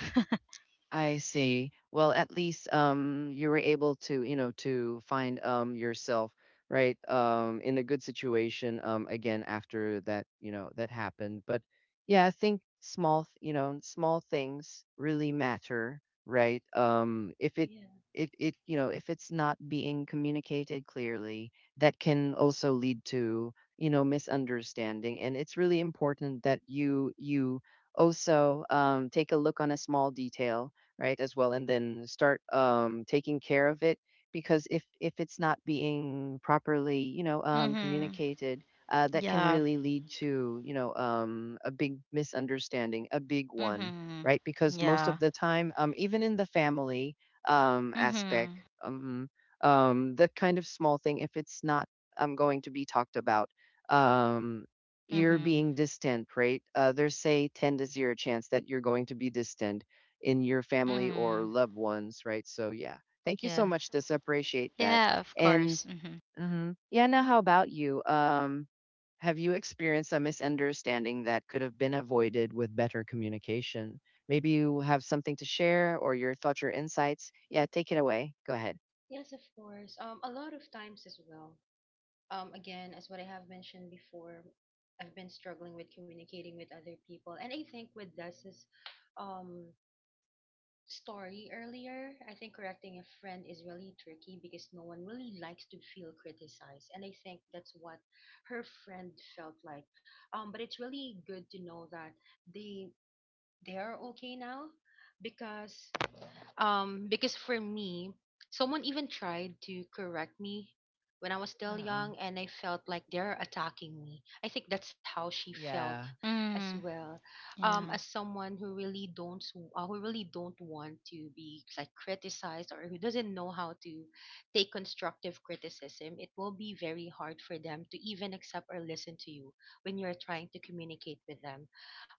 S1: I see. Well, at least you were able to, you know, to find yourself, right, in a good situation again after that, you know, that happened. But yeah, I think you know, small things really matter, right? Um, if it
S2: Yeah.
S1: it it you know, if it's not being communicated clearly, that can also lead to, you know, misunderstanding. And it's really important that you also take a look on a small detail, right, as well, and then start taking care of it, because if it's not being properly you know
S3: Mhm.
S1: communicated, that can
S3: Yeah.
S1: really lead to you know a big misunderstanding, a big one,
S3: Mhm.
S1: right? Because most of
S3: Yeah.
S1: the time um, even in the family aspect,
S3: Mhm.
S1: um that kind of small thing, if it's not going to be talked about um, you're
S3: Mhm.
S1: being distant, right? Uh, there's say 10 to 0 chance that you're going to be distant in your family or
S3: Mhm.
S1: loved ones, right? So yeah, thank you so
S3: Yeah.
S1: much. This appreciate that.
S3: Yeah. Of
S1: And
S3: course. Mhm.
S1: mhm, yeah, now how about you? Have you experienced a misunderstanding that could have been avoided with better communication? Maybe you have something to share or your thoughts or insights. Yeah, take it away. Go ahead.
S2: Yes, of course. A lot of times as well. Again, as what I have mentioned before, I've been struggling with communicating with other people, and I think with Des's um story earlier, I think correcting a friend is really tricky because no one really likes to feel criticized, and I think that's what her friend felt like. But it's really good to know that they they are okay now, because for me, someone even tried to correct me when I was still
S1: Uh,
S2: young, and I felt like they're attacking me. I think that's how she felt
S1: yeah.
S2: as
S3: Mhm.
S2: well. As
S3: Yeah.
S2: someone who really don't, who really don't want to be like criticized, or who doesn't know how to take constructive criticism, it will be very hard for them to even accept or listen to you when you're trying to communicate with them.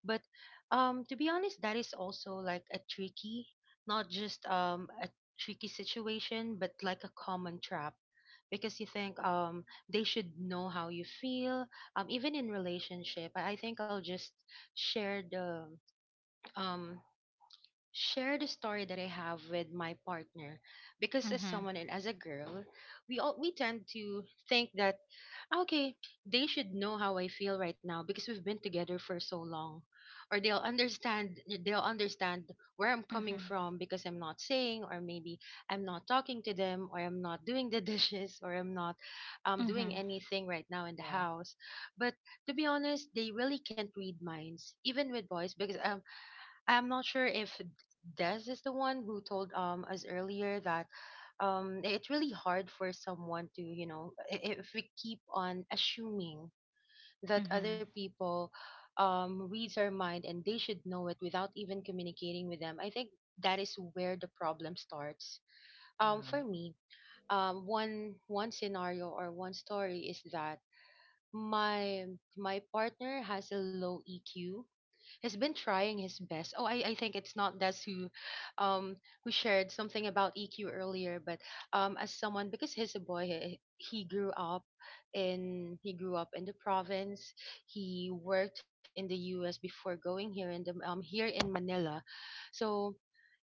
S2: But to be honest, that is also like a tricky, not just a tricky situation, but like a common trap. Because you think they should know how you feel, even in relationship. I think I'll just share the um, share the story that I have with my partner, because as
S3: Mhm.
S2: someone and as a girl, we tend to think that Ah, Okay, they should know how I feel right now because we've been together for so long. Or they'll understand, they'll understand where I'm coming
S3: Mhm.
S2: from because I'm not saying, or maybe I'm not talking to them, or I'm not doing the dishes, or I'm not doing
S3: Mhm.
S2: anything right now in the
S1: Yeah.
S2: house. But to be honest, they really can't read minds, even with boys, because I'm not sure if Des is the one who told us earlier that it's really hard for someone to if we keep on assuming that other
S3: Mhm.
S2: people reads our mind and they should know it without even communicating with them. I think that is where the problem starts.
S1: Uh-huh.
S2: For me, one scenario or one story is that my my partner has a low EQ, has been trying his best. Oh, I think it's not Des um, who shared something about EQ earlier, but as someone, because he's a boy, he grew up in the province. He worked in the U.S. before going here in the here in Manila, so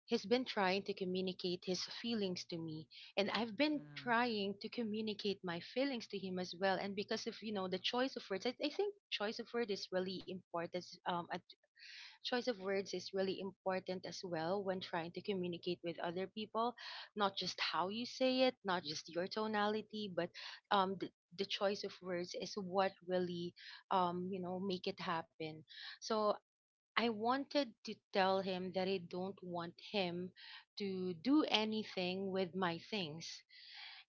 S2: he's been trying to communicate his feelings to me, and I've been trying to communicate my feelings to him as well. And because of you know the choice of words, I think choice of word is really important at choice of words is really important as well when trying to communicate with other people, not just how you say it, not just your tonality, but um the, the choice of words is what really you know make it happen. So I wanted to tell him that I don't want him to do anything with my things,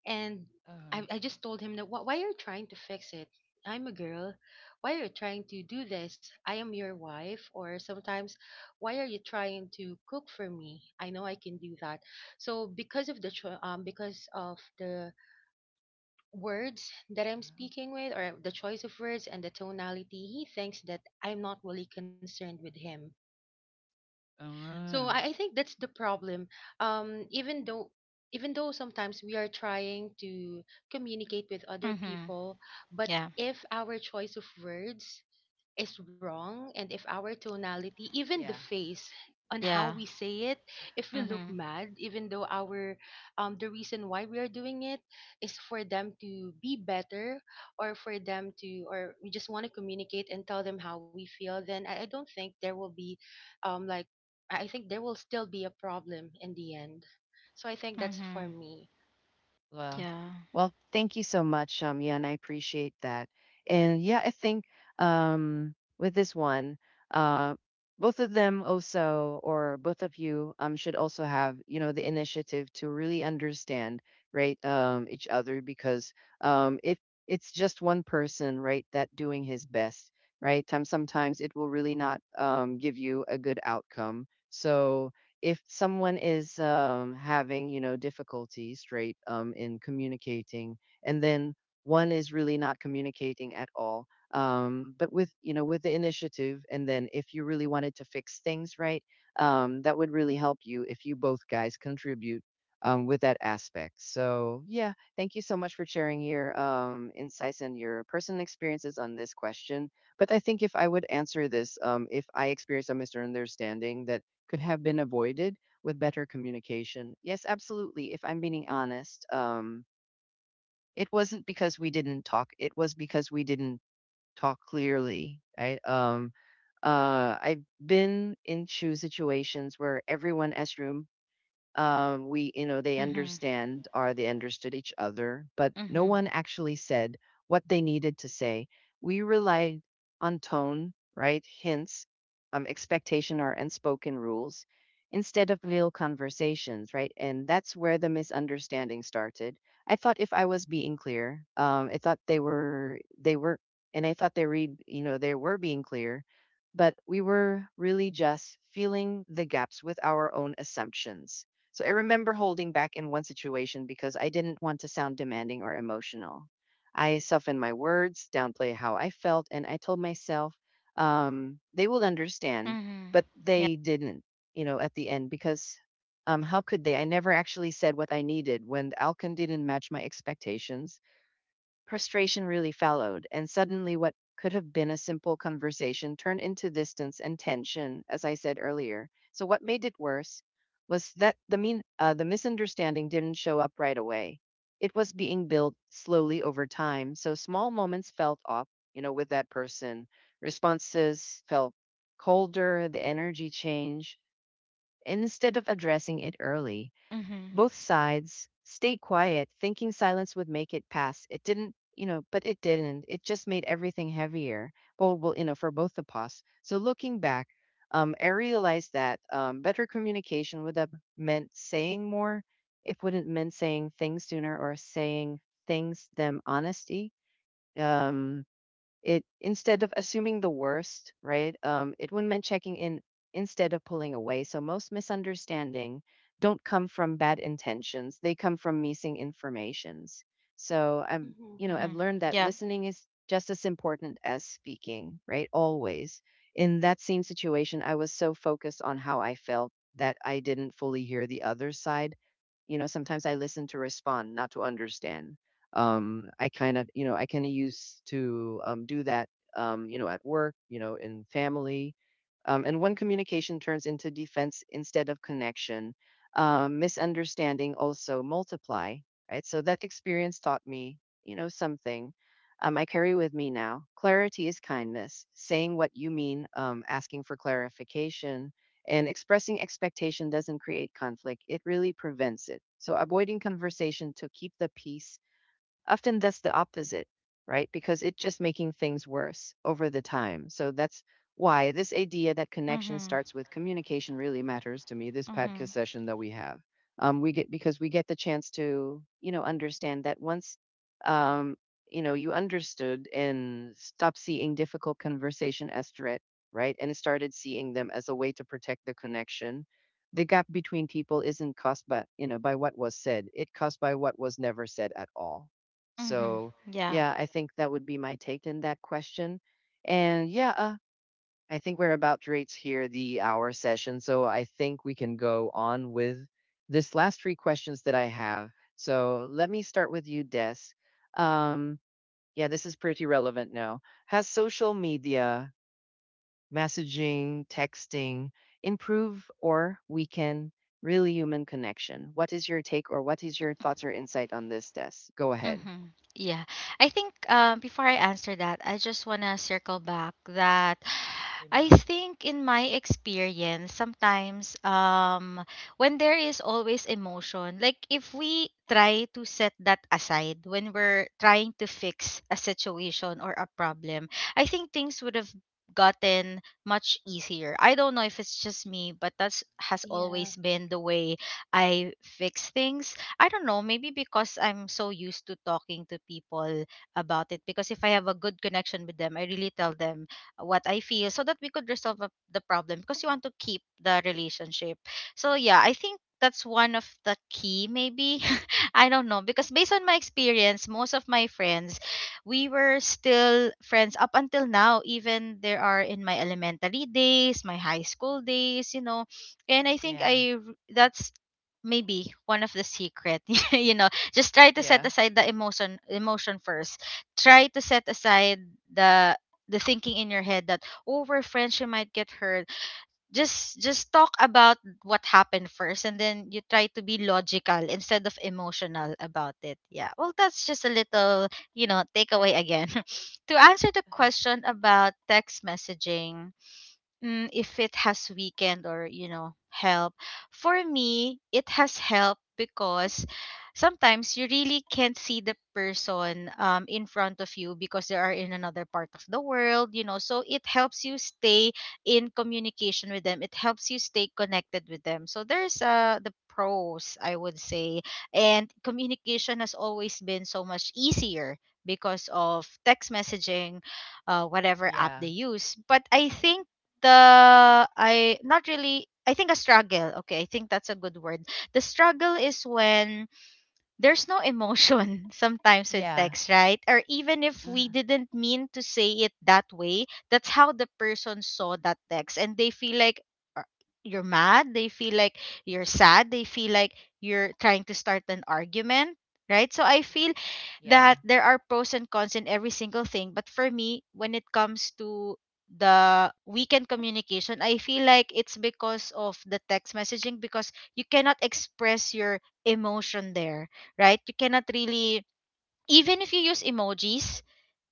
S2: and
S1: Uh-huh. Uh,
S2: I
S1: uh,
S2: just told him that, Why are you trying to fix it? I'm a girl. Why are you trying to do this? I am your wife." Or sometimes, "Why are you trying to cook for me? I know I can do that." So because of the because of the words that I'm speaking with, or the choice of words and the tonality, he thinks that I'm not really concerned with him. So I think that's the problem. Um, even though even though sometimes we are trying to communicate with other
S3: Mhm.
S2: people, but
S3: Yeah.
S2: if our choice of words is wrong, and if our tonality, even the
S1: yeah.
S2: face on how
S3: Yeah.
S2: we say it, if we look
S3: Mhm.
S2: mad, even though our the reason why we are doing it is for them to be better, or for them to, or we just want to communicate and tell them how we feel, then I don't think there will be um like I think there will still be a problem in the end. So I think that's for
S3: Mhm.
S2: me.
S1: Well,
S3: Yeah.
S1: well, thank you so much, yeah, and I appreciate that. And yeah, I think with this one, uh, both of them also, or both of you, should also have you know the initiative to really understand, right, each other, because if it's just one person, right, that doing his best, right, time sometimes it will really not give you a good outcome. So if someone is having difficulties straight in communicating, and then one is really not communicating at all, but with with the initiative, and then if you really wanted to fix things, right, that would really help you if you both guys contribute with that aspect. So yeah, thank you so much for sharing your insights and your personal experiences on this question. But I think if I would answer this, if I experience a misunderstanding that could have been avoided with better communication. Yes, absolutely. If I'm being honest, it wasn't because we didn't talk. It was because we didn't talk clearly. I've been into situations where everyone has room, we, they
S3: Mhm.
S1: understand or they understood each other, but no
S3: Mhm.
S1: one actually said what they needed to say. We relied on tone, right? Hints, expectation, or unspoken rules instead of real conversations, right? And that's where the misunderstanding started. I thought if I was being clear, I thought they were, and I thought they read, they were being clear, but we were really just filling the gaps with our own assumptions. So I remember holding back in one situation because I didn't want to sound demanding or emotional. I softened my words, downplay how I felt, and I told myself they will understand,
S3: Mhm.
S1: but
S3: Yeah.
S1: they didn't, at the end, because how could they? I never actually said what I needed. When the outcome didn't match my expectations, frustration really followed, and suddenly what could have been a simple conversation turned into distance and tension, as I said earlier. So what made it worse was that the misunderstanding didn't show up right away. It was being built slowly over time, so small moments felt off, you know, with that person. Responses felt colder, the energy changed. Instead of addressing it early,
S3: Mhm.
S1: both sides stayed quiet, thinking silence would make it pass. It didn't, you know, But it didn't. It just made everything heavier. Well, for both the paws. So looking back, I realized that better communication would have meant saying more. It wouldn't meant saying things sooner, or saying things them honesty. Um, it Instead of assuming the worst, right? It would meant checking in instead of pulling away. So most misunderstanding don't come from bad intentions; they come from missing informations. So
S2: Hmm.
S1: I'm, you know, I've
S3: Mhm.
S1: learned that
S3: Yep.
S1: listening is just as important as speaking, right? Always. In that same situation, I was so focused on how I felt that I didn't fully hear the other side. You know, sometimes I listen to respond, not to understand. I kind of used to do that, at work, in family. And when communication turns into defense instead of connection, misunderstanding also multiply, right? So that experience taught me, something I carry with me now. Clarity is kindness. Saying what you mean, asking for clarification, and expressing expectation doesn't create conflict, it really prevents it. So, avoiding conversation to keep the peace. Often that's the opposite, right? Because it's just making things worse over the time. So that's why this idea that connection
S3: Mhm.
S1: starts with communication really matters to me. This podcast
S3: Mhm.
S1: session that we have, we get the chance to, understand that once, um, you understood and stopped seeing difficult conversation as threat, right, and started seeing them as a way to protect the connection. The gap between people isn't caused by you know by what was said, it caused by what was never said at all.
S3: Mhm.
S1: So,
S3: Yeah.
S1: yeah, I think that would be my take in that question. And yeah, I think we're about to reach here the hour session. So I think we can go on with this last three questions that I have. So let me start with you, Des. Um, yeah, this is pretty relevant now. Has social media, messaging, texting improve or weaken really human connection? What is your take, or what is your thoughts or insight on this, Des? Go ahead.
S3: Mm-hmm. Yeah. I think, before I answer that, I just want to circle back that
S1: In
S3: I
S1: where?
S3: think in my experience, sometimes, when there is always emotion, like if we try to set that aside when we're trying to fix a situation or a problem, I think things would have gotten much easier. I don't know if it's just me, but that's has
S2: Yeah.
S3: always been the way I fix things. I don't know, maybe because I'm so used to talking to people about it. Because if I have a good connection with them, I really tell them what I feel so that we could resolve the problem, because you want to keep the relationship. So yeah, I think that's one of the key, maybe. I don't know. Because based on my experience, most of my friends, we were still friends up until now, even there are in my elementary days, my high school days, you know. And I think
S1: Yeah.
S3: that's maybe one of the secret. You know, just try to set
S1: Yeah.
S3: aside the emotion first. Try to set aside the the thinking in your head that over friends you might get hurt. Just talk about what happened first, and then you try to be logical instead of emotional about it. Yeah, well that's just a little, you know, takeaway again. To answer the
S1: Okay.
S3: question about text messaging, if it has weakened or, you know, help, for me it has helped, because sometimes you really can't see the person in front of you, because they are in another part of the world, you know. So it helps you stay in communication with them, it helps you stay connected with them, so there's the pros, I would say. And communication has always been so much easier because of text messaging, whatever app
S1: Yeah.
S3: they use. But I think the I not really, I think, a struggle. Okay, I think that's a good word. The struggle is when there's no emotion, sometimes, with
S1: Yeah.
S3: text, right? Or even if we
S1: Uh-huh.
S3: didn't mean to say it that way, that's how the person saw that text. And they feel like, uh, you're mad, they feel like you're sad, they feel like you're trying to start an argument, right? So I feel
S1: Yeah.
S3: that there are pros and cons in every single thing. But for me, when it comes to the weekend communication, I feel like it's because of the text messaging, because you cannot express your emotion there, right? You cannot really, even if you use emojis,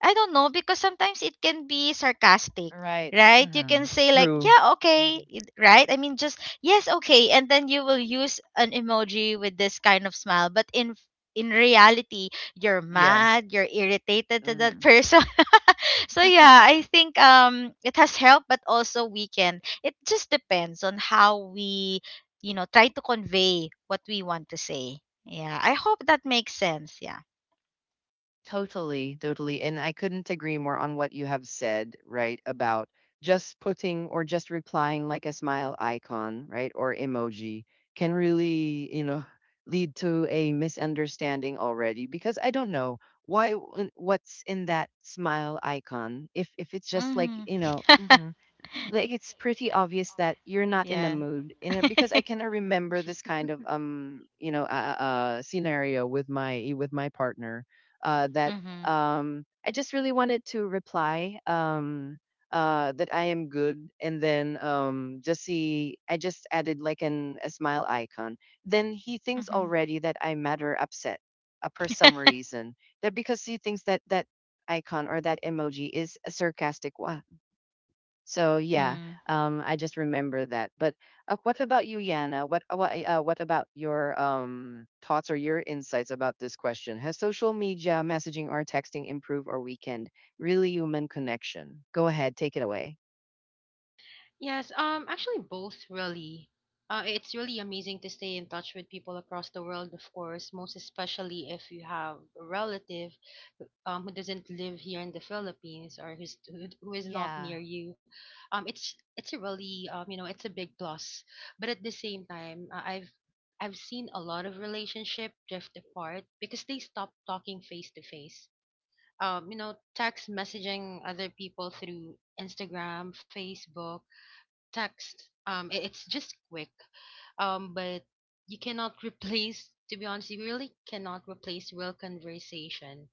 S3: I don't know, because sometimes it can be sarcastic,
S1: All right.
S3: right? You can
S1: Mhm.
S3: say like,
S1: True.
S3: yeah, okay,
S1: Mhm.
S3: right, I mean, just yes, okay, and then you will use an emoji with this kind of smile. But in reality, you're
S1: Yes.
S3: mad, you're irritated to that
S1: Huh.
S3: person. So yeah, I think it has helped, but also weakened. It just depends on how we, you know, try to convey what we want to say. Yeah, I hope that makes sense. Yeah.
S1: Totally, totally. And I couldn't agree more on what you have said, right? About just putting or just replying like a smile icon, right? Or emoji can really, lead to a misunderstanding already, because I don't know why what's in that smile icon. If it's just like,
S3: Mhm.
S1: mm-hmm, like it's pretty obvious that you're not in a
S3: Yeah.
S1: mood, because I cannot remember this kind of scenario with my partner that
S3: Mhm.
S1: I just really wanted to reply that I am good, and then just see I just added like an a smile icon, then he thinks
S3: Mhm.
S1: already that I'm mad or upset, for some reason, that because he thinks that that icon or that emoji is a sarcastic one. So yeah,
S3: Mhm.
S1: I just remember that. But what about you, Yana? What about your thoughts or your insights about this question? Has social media messaging or texting improved or weakened really human connection? Go ahead, take it away.
S2: Yes, actually both really. It's really amazing to stay in touch with people across the world, of course, most especially if you have a relative who doesn't live here in the Philippines, or who is not
S1: Yeah,
S2: near you. It's a really you know, it's a big plus. But at the same time, I've seen a lot of relationship drift apart because they stop talking face to face. You know, text messaging other people through Instagram, Facebook text. It's just quick. But you cannot replace. To be honest, you really cannot replace real conversation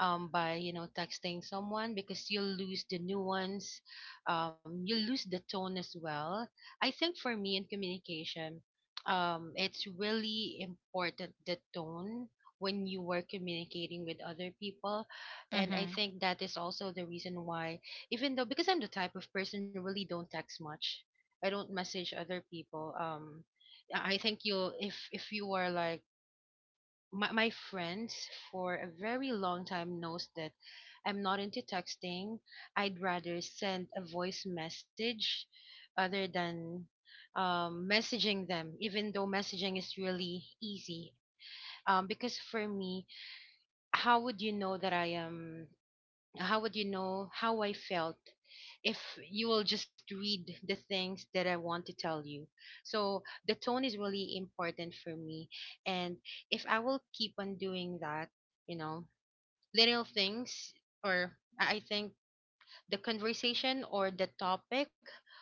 S2: by you know texting someone because you'll lose the nuance, you'll lose the tone as well. I think for me in communication, it's really important the tone when you were communicating with other people. And I
S3: Mhm.
S2: think that is also the reason why, even though, because I'm the type of person who really don't text much, I don't message other people. I think you, if you are like my friends for a very long time, knows that I'm not into texting. I'd rather send a voice message other than messaging them, even though messaging is really easy. Because for me, how would you know that I am how would you know how I felt if you will just read the things that I want to tell you? So the tone is really important for me. And if I will keep on doing that, you know, little things, or I think the conversation or the topic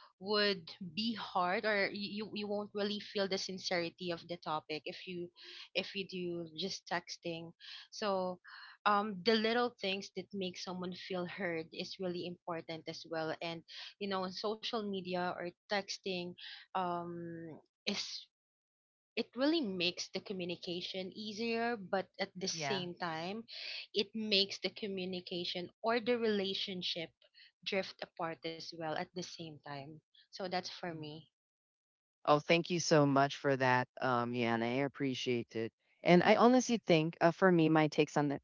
S2: would be hard, or you won't really feel the sincerity of the topic if you, if you do just texting. So the little things that make someone feel heard is really important as well. And you know, on social media or texting, um is it really makes the communication easier, but at the
S1: yeah.
S2: same time, it makes the communication or the relationship drift apart as well at the same time. So that's for me.
S1: Hmm. Oh, thank you so much for that, Yana. I appreciate it. And I honestly think, for me, my takes on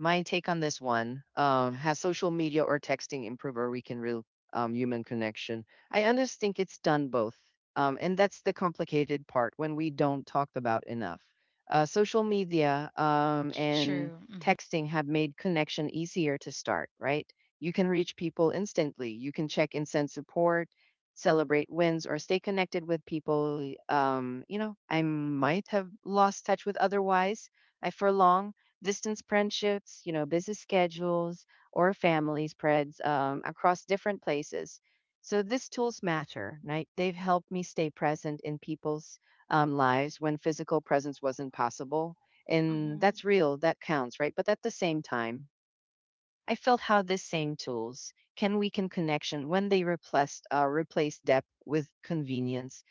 S1: My take on this one, has social media or texting improve or weaken real human connection? I honestly think it's done both. And that's the complicated part when we don't talk about enough. Social media and
S3: True. Mhm.
S1: texting have made connection easier to start, right? You can reach people instantly, you can check and send support. Celebrate wins or stay connected with people. I might have lost touch with otherwise. I, for long distance friendships, busy schedules, or family spreads across different places. So these tools matter, right? They've helped me stay present in people's lives when physical presence wasn't possible. And
S2: Mm-hmm.
S1: that's real, that counts, right? But at the same time, I felt how these same tools can weaken connection when they replace depth with convenience.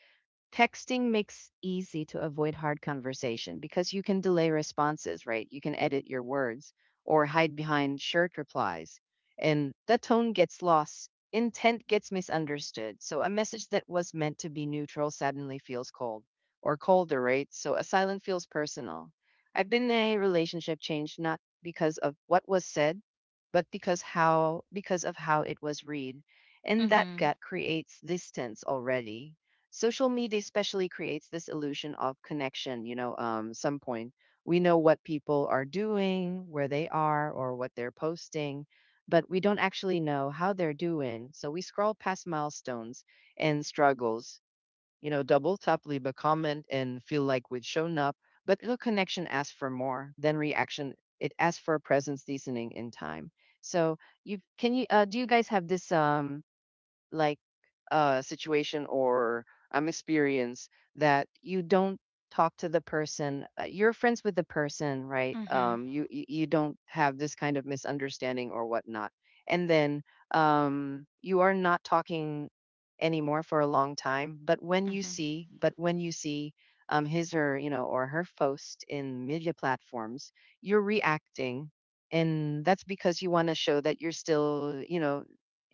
S1: Texting makes easy to avoid hard conversation because you can delay responses, right? You can edit your words or hide behind short replies. And the tone gets lost, intent gets misunderstood. So a message that was meant to be neutral suddenly feels cold or colder, right? So a silent feels personal. I've been in a relationship change not because of what was said, but because of how it was read. And that
S3: Mhm.
S1: gut creates distance already. Social media especially creates this illusion of connection. Some point, we know what people are doing, where they are, or what they're posting, but we don't actually know how they're doing. So we scroll past milestones and struggles, double tap, leave a comment, and feel like we've shown up. But the connection asks for more than reaction, it asks for presence, deesening in time. So you can you do you guys have this like situation or experience that you don't talk to the person, you're friends with the person, right,
S3: Mhm.
S1: you don't have this kind of misunderstanding or whatnot, and then you are not talking anymore for a long time, but
S3: Mhm.
S1: when you see his or you know or her post in media platforms, you're reacting, and that's because you want to show that you're still,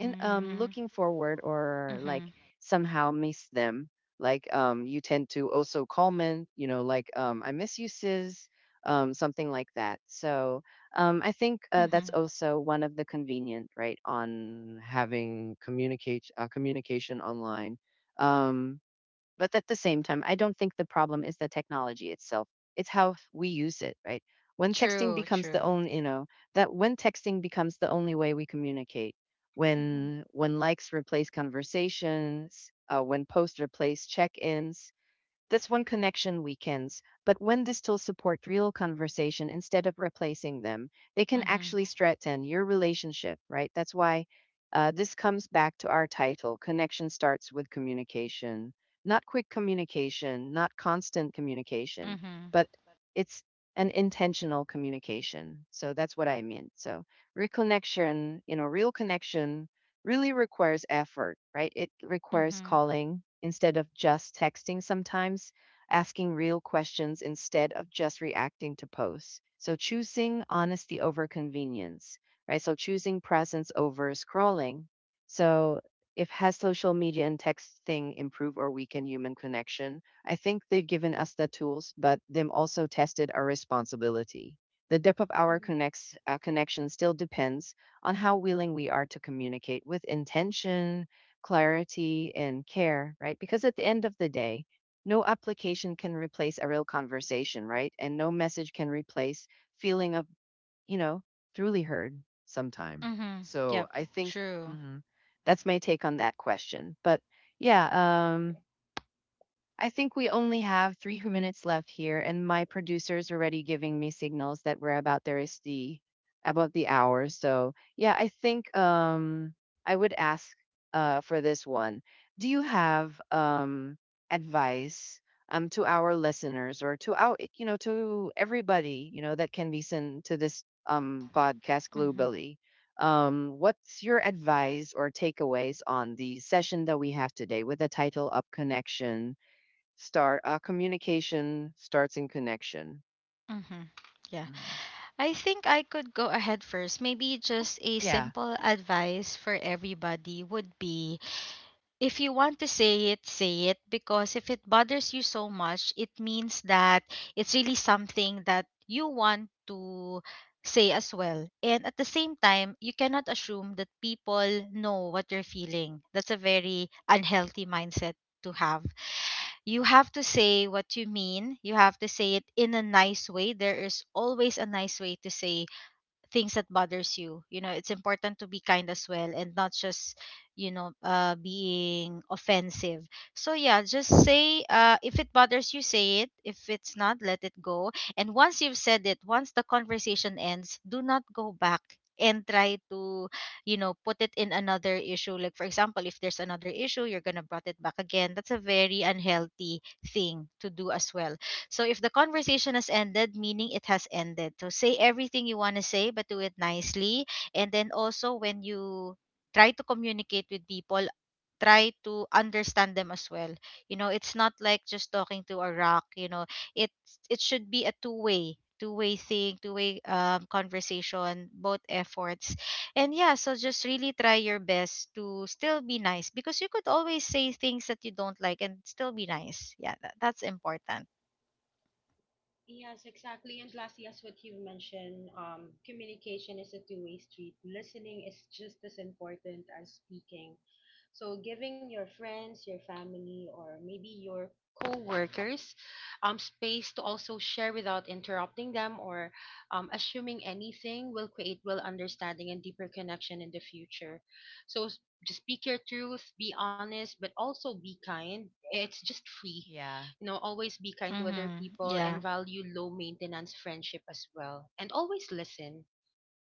S1: and
S3: Mhm.
S1: looking forward, or like
S3: Mhm.
S1: somehow miss them, like you tend to also comment, like, I miss you sis, something like that. So I think, that's
S3: Mhm.
S1: also one of the convenient, right, on having communicate communication online. um but at the same time, I don't think the problem is the technology itself. It's how we use it, right? When texting
S3: True.
S1: becomes the
S3: True.
S1: own, you know, that when texting becomes the only way we communicate,
S2: Mm-hmm.
S1: when likes replace conversations, when posts replace check-ins, that's when connection weakens. But when they still support real conversation instead of replacing them, they can
S3: Mhm.
S1: actually strengthen your relationship, right? That's why this comes back to our title, Connection Starts with Communication. Not quick communication, not constant communication,
S3: Mhm.
S1: but it's an intentional communication. So that's what I mean. So, real connection really requires effort, right? It requires
S3: Mhm.
S1: calling instead of just texting sometimes, asking real questions instead of just reacting to posts. So choosing honesty over convenience, right? So choosing presence over scrolling. So if has social media and texting improve or weaken human connection? I think they've given us the tools, but them also tested our responsibility. The depth of our connection still depends on how willing we are to communicate with intention, clarity, and care, right? Because at the end of the day, no application can replace a real conversation, right? And no message can replace feeling of, you know, truly heard sometime.
S3: Mhm.
S1: So
S3: Yep.
S1: I think
S3: True.
S1: mhm, that's my take on that question. But yeah, I think we only have 3 minutes left here, and my producer's already giving me signals that we're about the hour. So yeah, I think I would ask for this one. Do you have advice to our listeners, or to everybody, that can listen to this podcast
S3: Mhm.
S1: globally? What's your advice or takeaways on the session that we have today with the title Up Connection start communication starts in connection.
S3: Mhm. Yeah.
S1: Mm.
S3: I think I could go ahead first. Maybe just a
S1: Yeah,
S3: simple advice for everybody would be, if you want to say it, say it, because if it bothers you so much, it means that it's really something that you want to say as well. And at the same time, you cannot assume that people know what you're feeling. That's a very unhealthy mindset to have. You have to say what you mean. You have to say it in a nice way. There is always a nice way to say things that bothers you, you know. It's important to be kind as well, and not just, you know, being offensive. So yeah, just say, if it bothers you, say it. If it's not, let it go. And once you've said it, once the conversation ends, do not go back and try to, you know, put it in another issue. Like, for example, if there's another issue you're gonna brought it back again, that's a very unhealthy thing to do as well. So if the conversation has ended, meaning it has ended. So say everything you want to say, but do it nicely. And then also, when you try to communicate with people, try to understand them as well. You know, it's not like just talking to a rock. You know, it it should be a two way, thing, two way, conversation, both efforts. And yeah, so just really try your best to still be nice, because you could always say things that you don't like and still be nice. Yeah, that's important.
S2: Yes, exactly. And lastly, as what you've mentioned, communication is a two-way street. Listening is just as important as speaking. So giving your friends, your family, or maybe your co-workers space to also share without interrupting them or assuming anything will create real understanding and deeper connection in the future. So just speak your truth, be honest, but also be kind. It's just free,
S1: yeah.
S2: you know, always be kind to other
S3: Mhm.
S2: people, and
S3: Yeah.
S2: value low maintenance friendship as well. And always listen.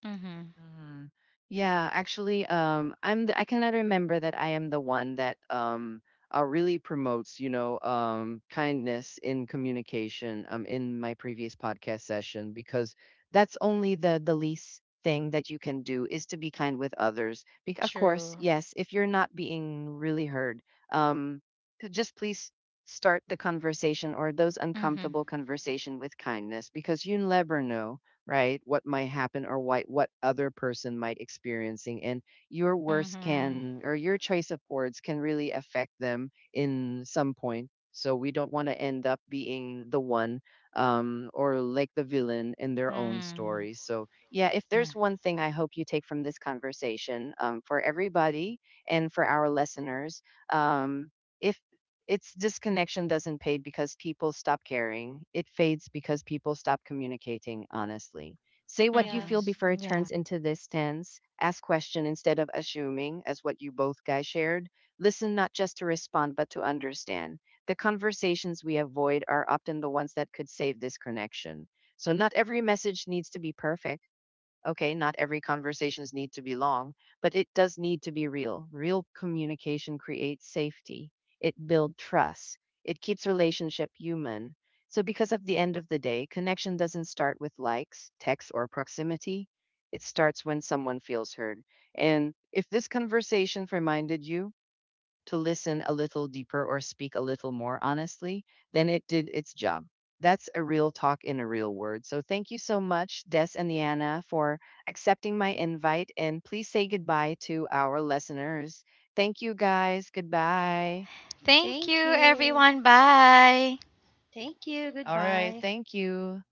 S3: Mhm.
S1: Mhm. Yeah, actually, I cannot remember that I am the one that really promotes, kindness in communication in my previous podcast session, because that's only the least thing that you can do is to be kind with others. Of course,
S3: True.
S1: yes, if you're not being really heard, um, just please start the conversation, or those
S3: Mhm.
S1: uncomfortable conversation with kindness, because you never know, right? What might happen, or what other person might experiencing, and your words
S3: Mhm.
S1: can or your choice of words can really affect them in some point. So we don't want to end up being the one, or like the villain in their own
S3: Mhm.
S1: stories. So yeah, if there's
S3: Yeah.
S1: one thing I hope you take from this conversation for everybody and for our listeners, um, if it's disconnection doesn't fade because people stop caring. It fades because people stop communicating honestly. Say what you
S3: Mhm.
S1: feel
S2: Yes.
S1: before it
S3: Yeah.
S1: turns into this tense. Ask question instead of assuming, as what you both guys shared. Listen not just to respond, but to understand. The conversations we avoid are often the ones that could save this connection. So not every message needs to be perfect. Okay, not every conversations need to be long, but it does need to be real. Real communication creates safety. It builds trust. It keeps relationship human. So because at the end of the day, connection doesn't start with likes, texts, or proximity. It starts when someone feels heard. And if this conversation reminded you to listen a little deeper or speak a little more honestly, then it did its job. That's a real talk in a real word. So thank you so much, Des and Diana, for accepting my invite. And please say goodbye to our listeners. Thank you, guys. Goodbye.
S3: Thank you
S2: Thank you.
S3: everyone. Bye.
S2: Thank you.
S1: All right.
S2: Goodbye.
S1: Thank you.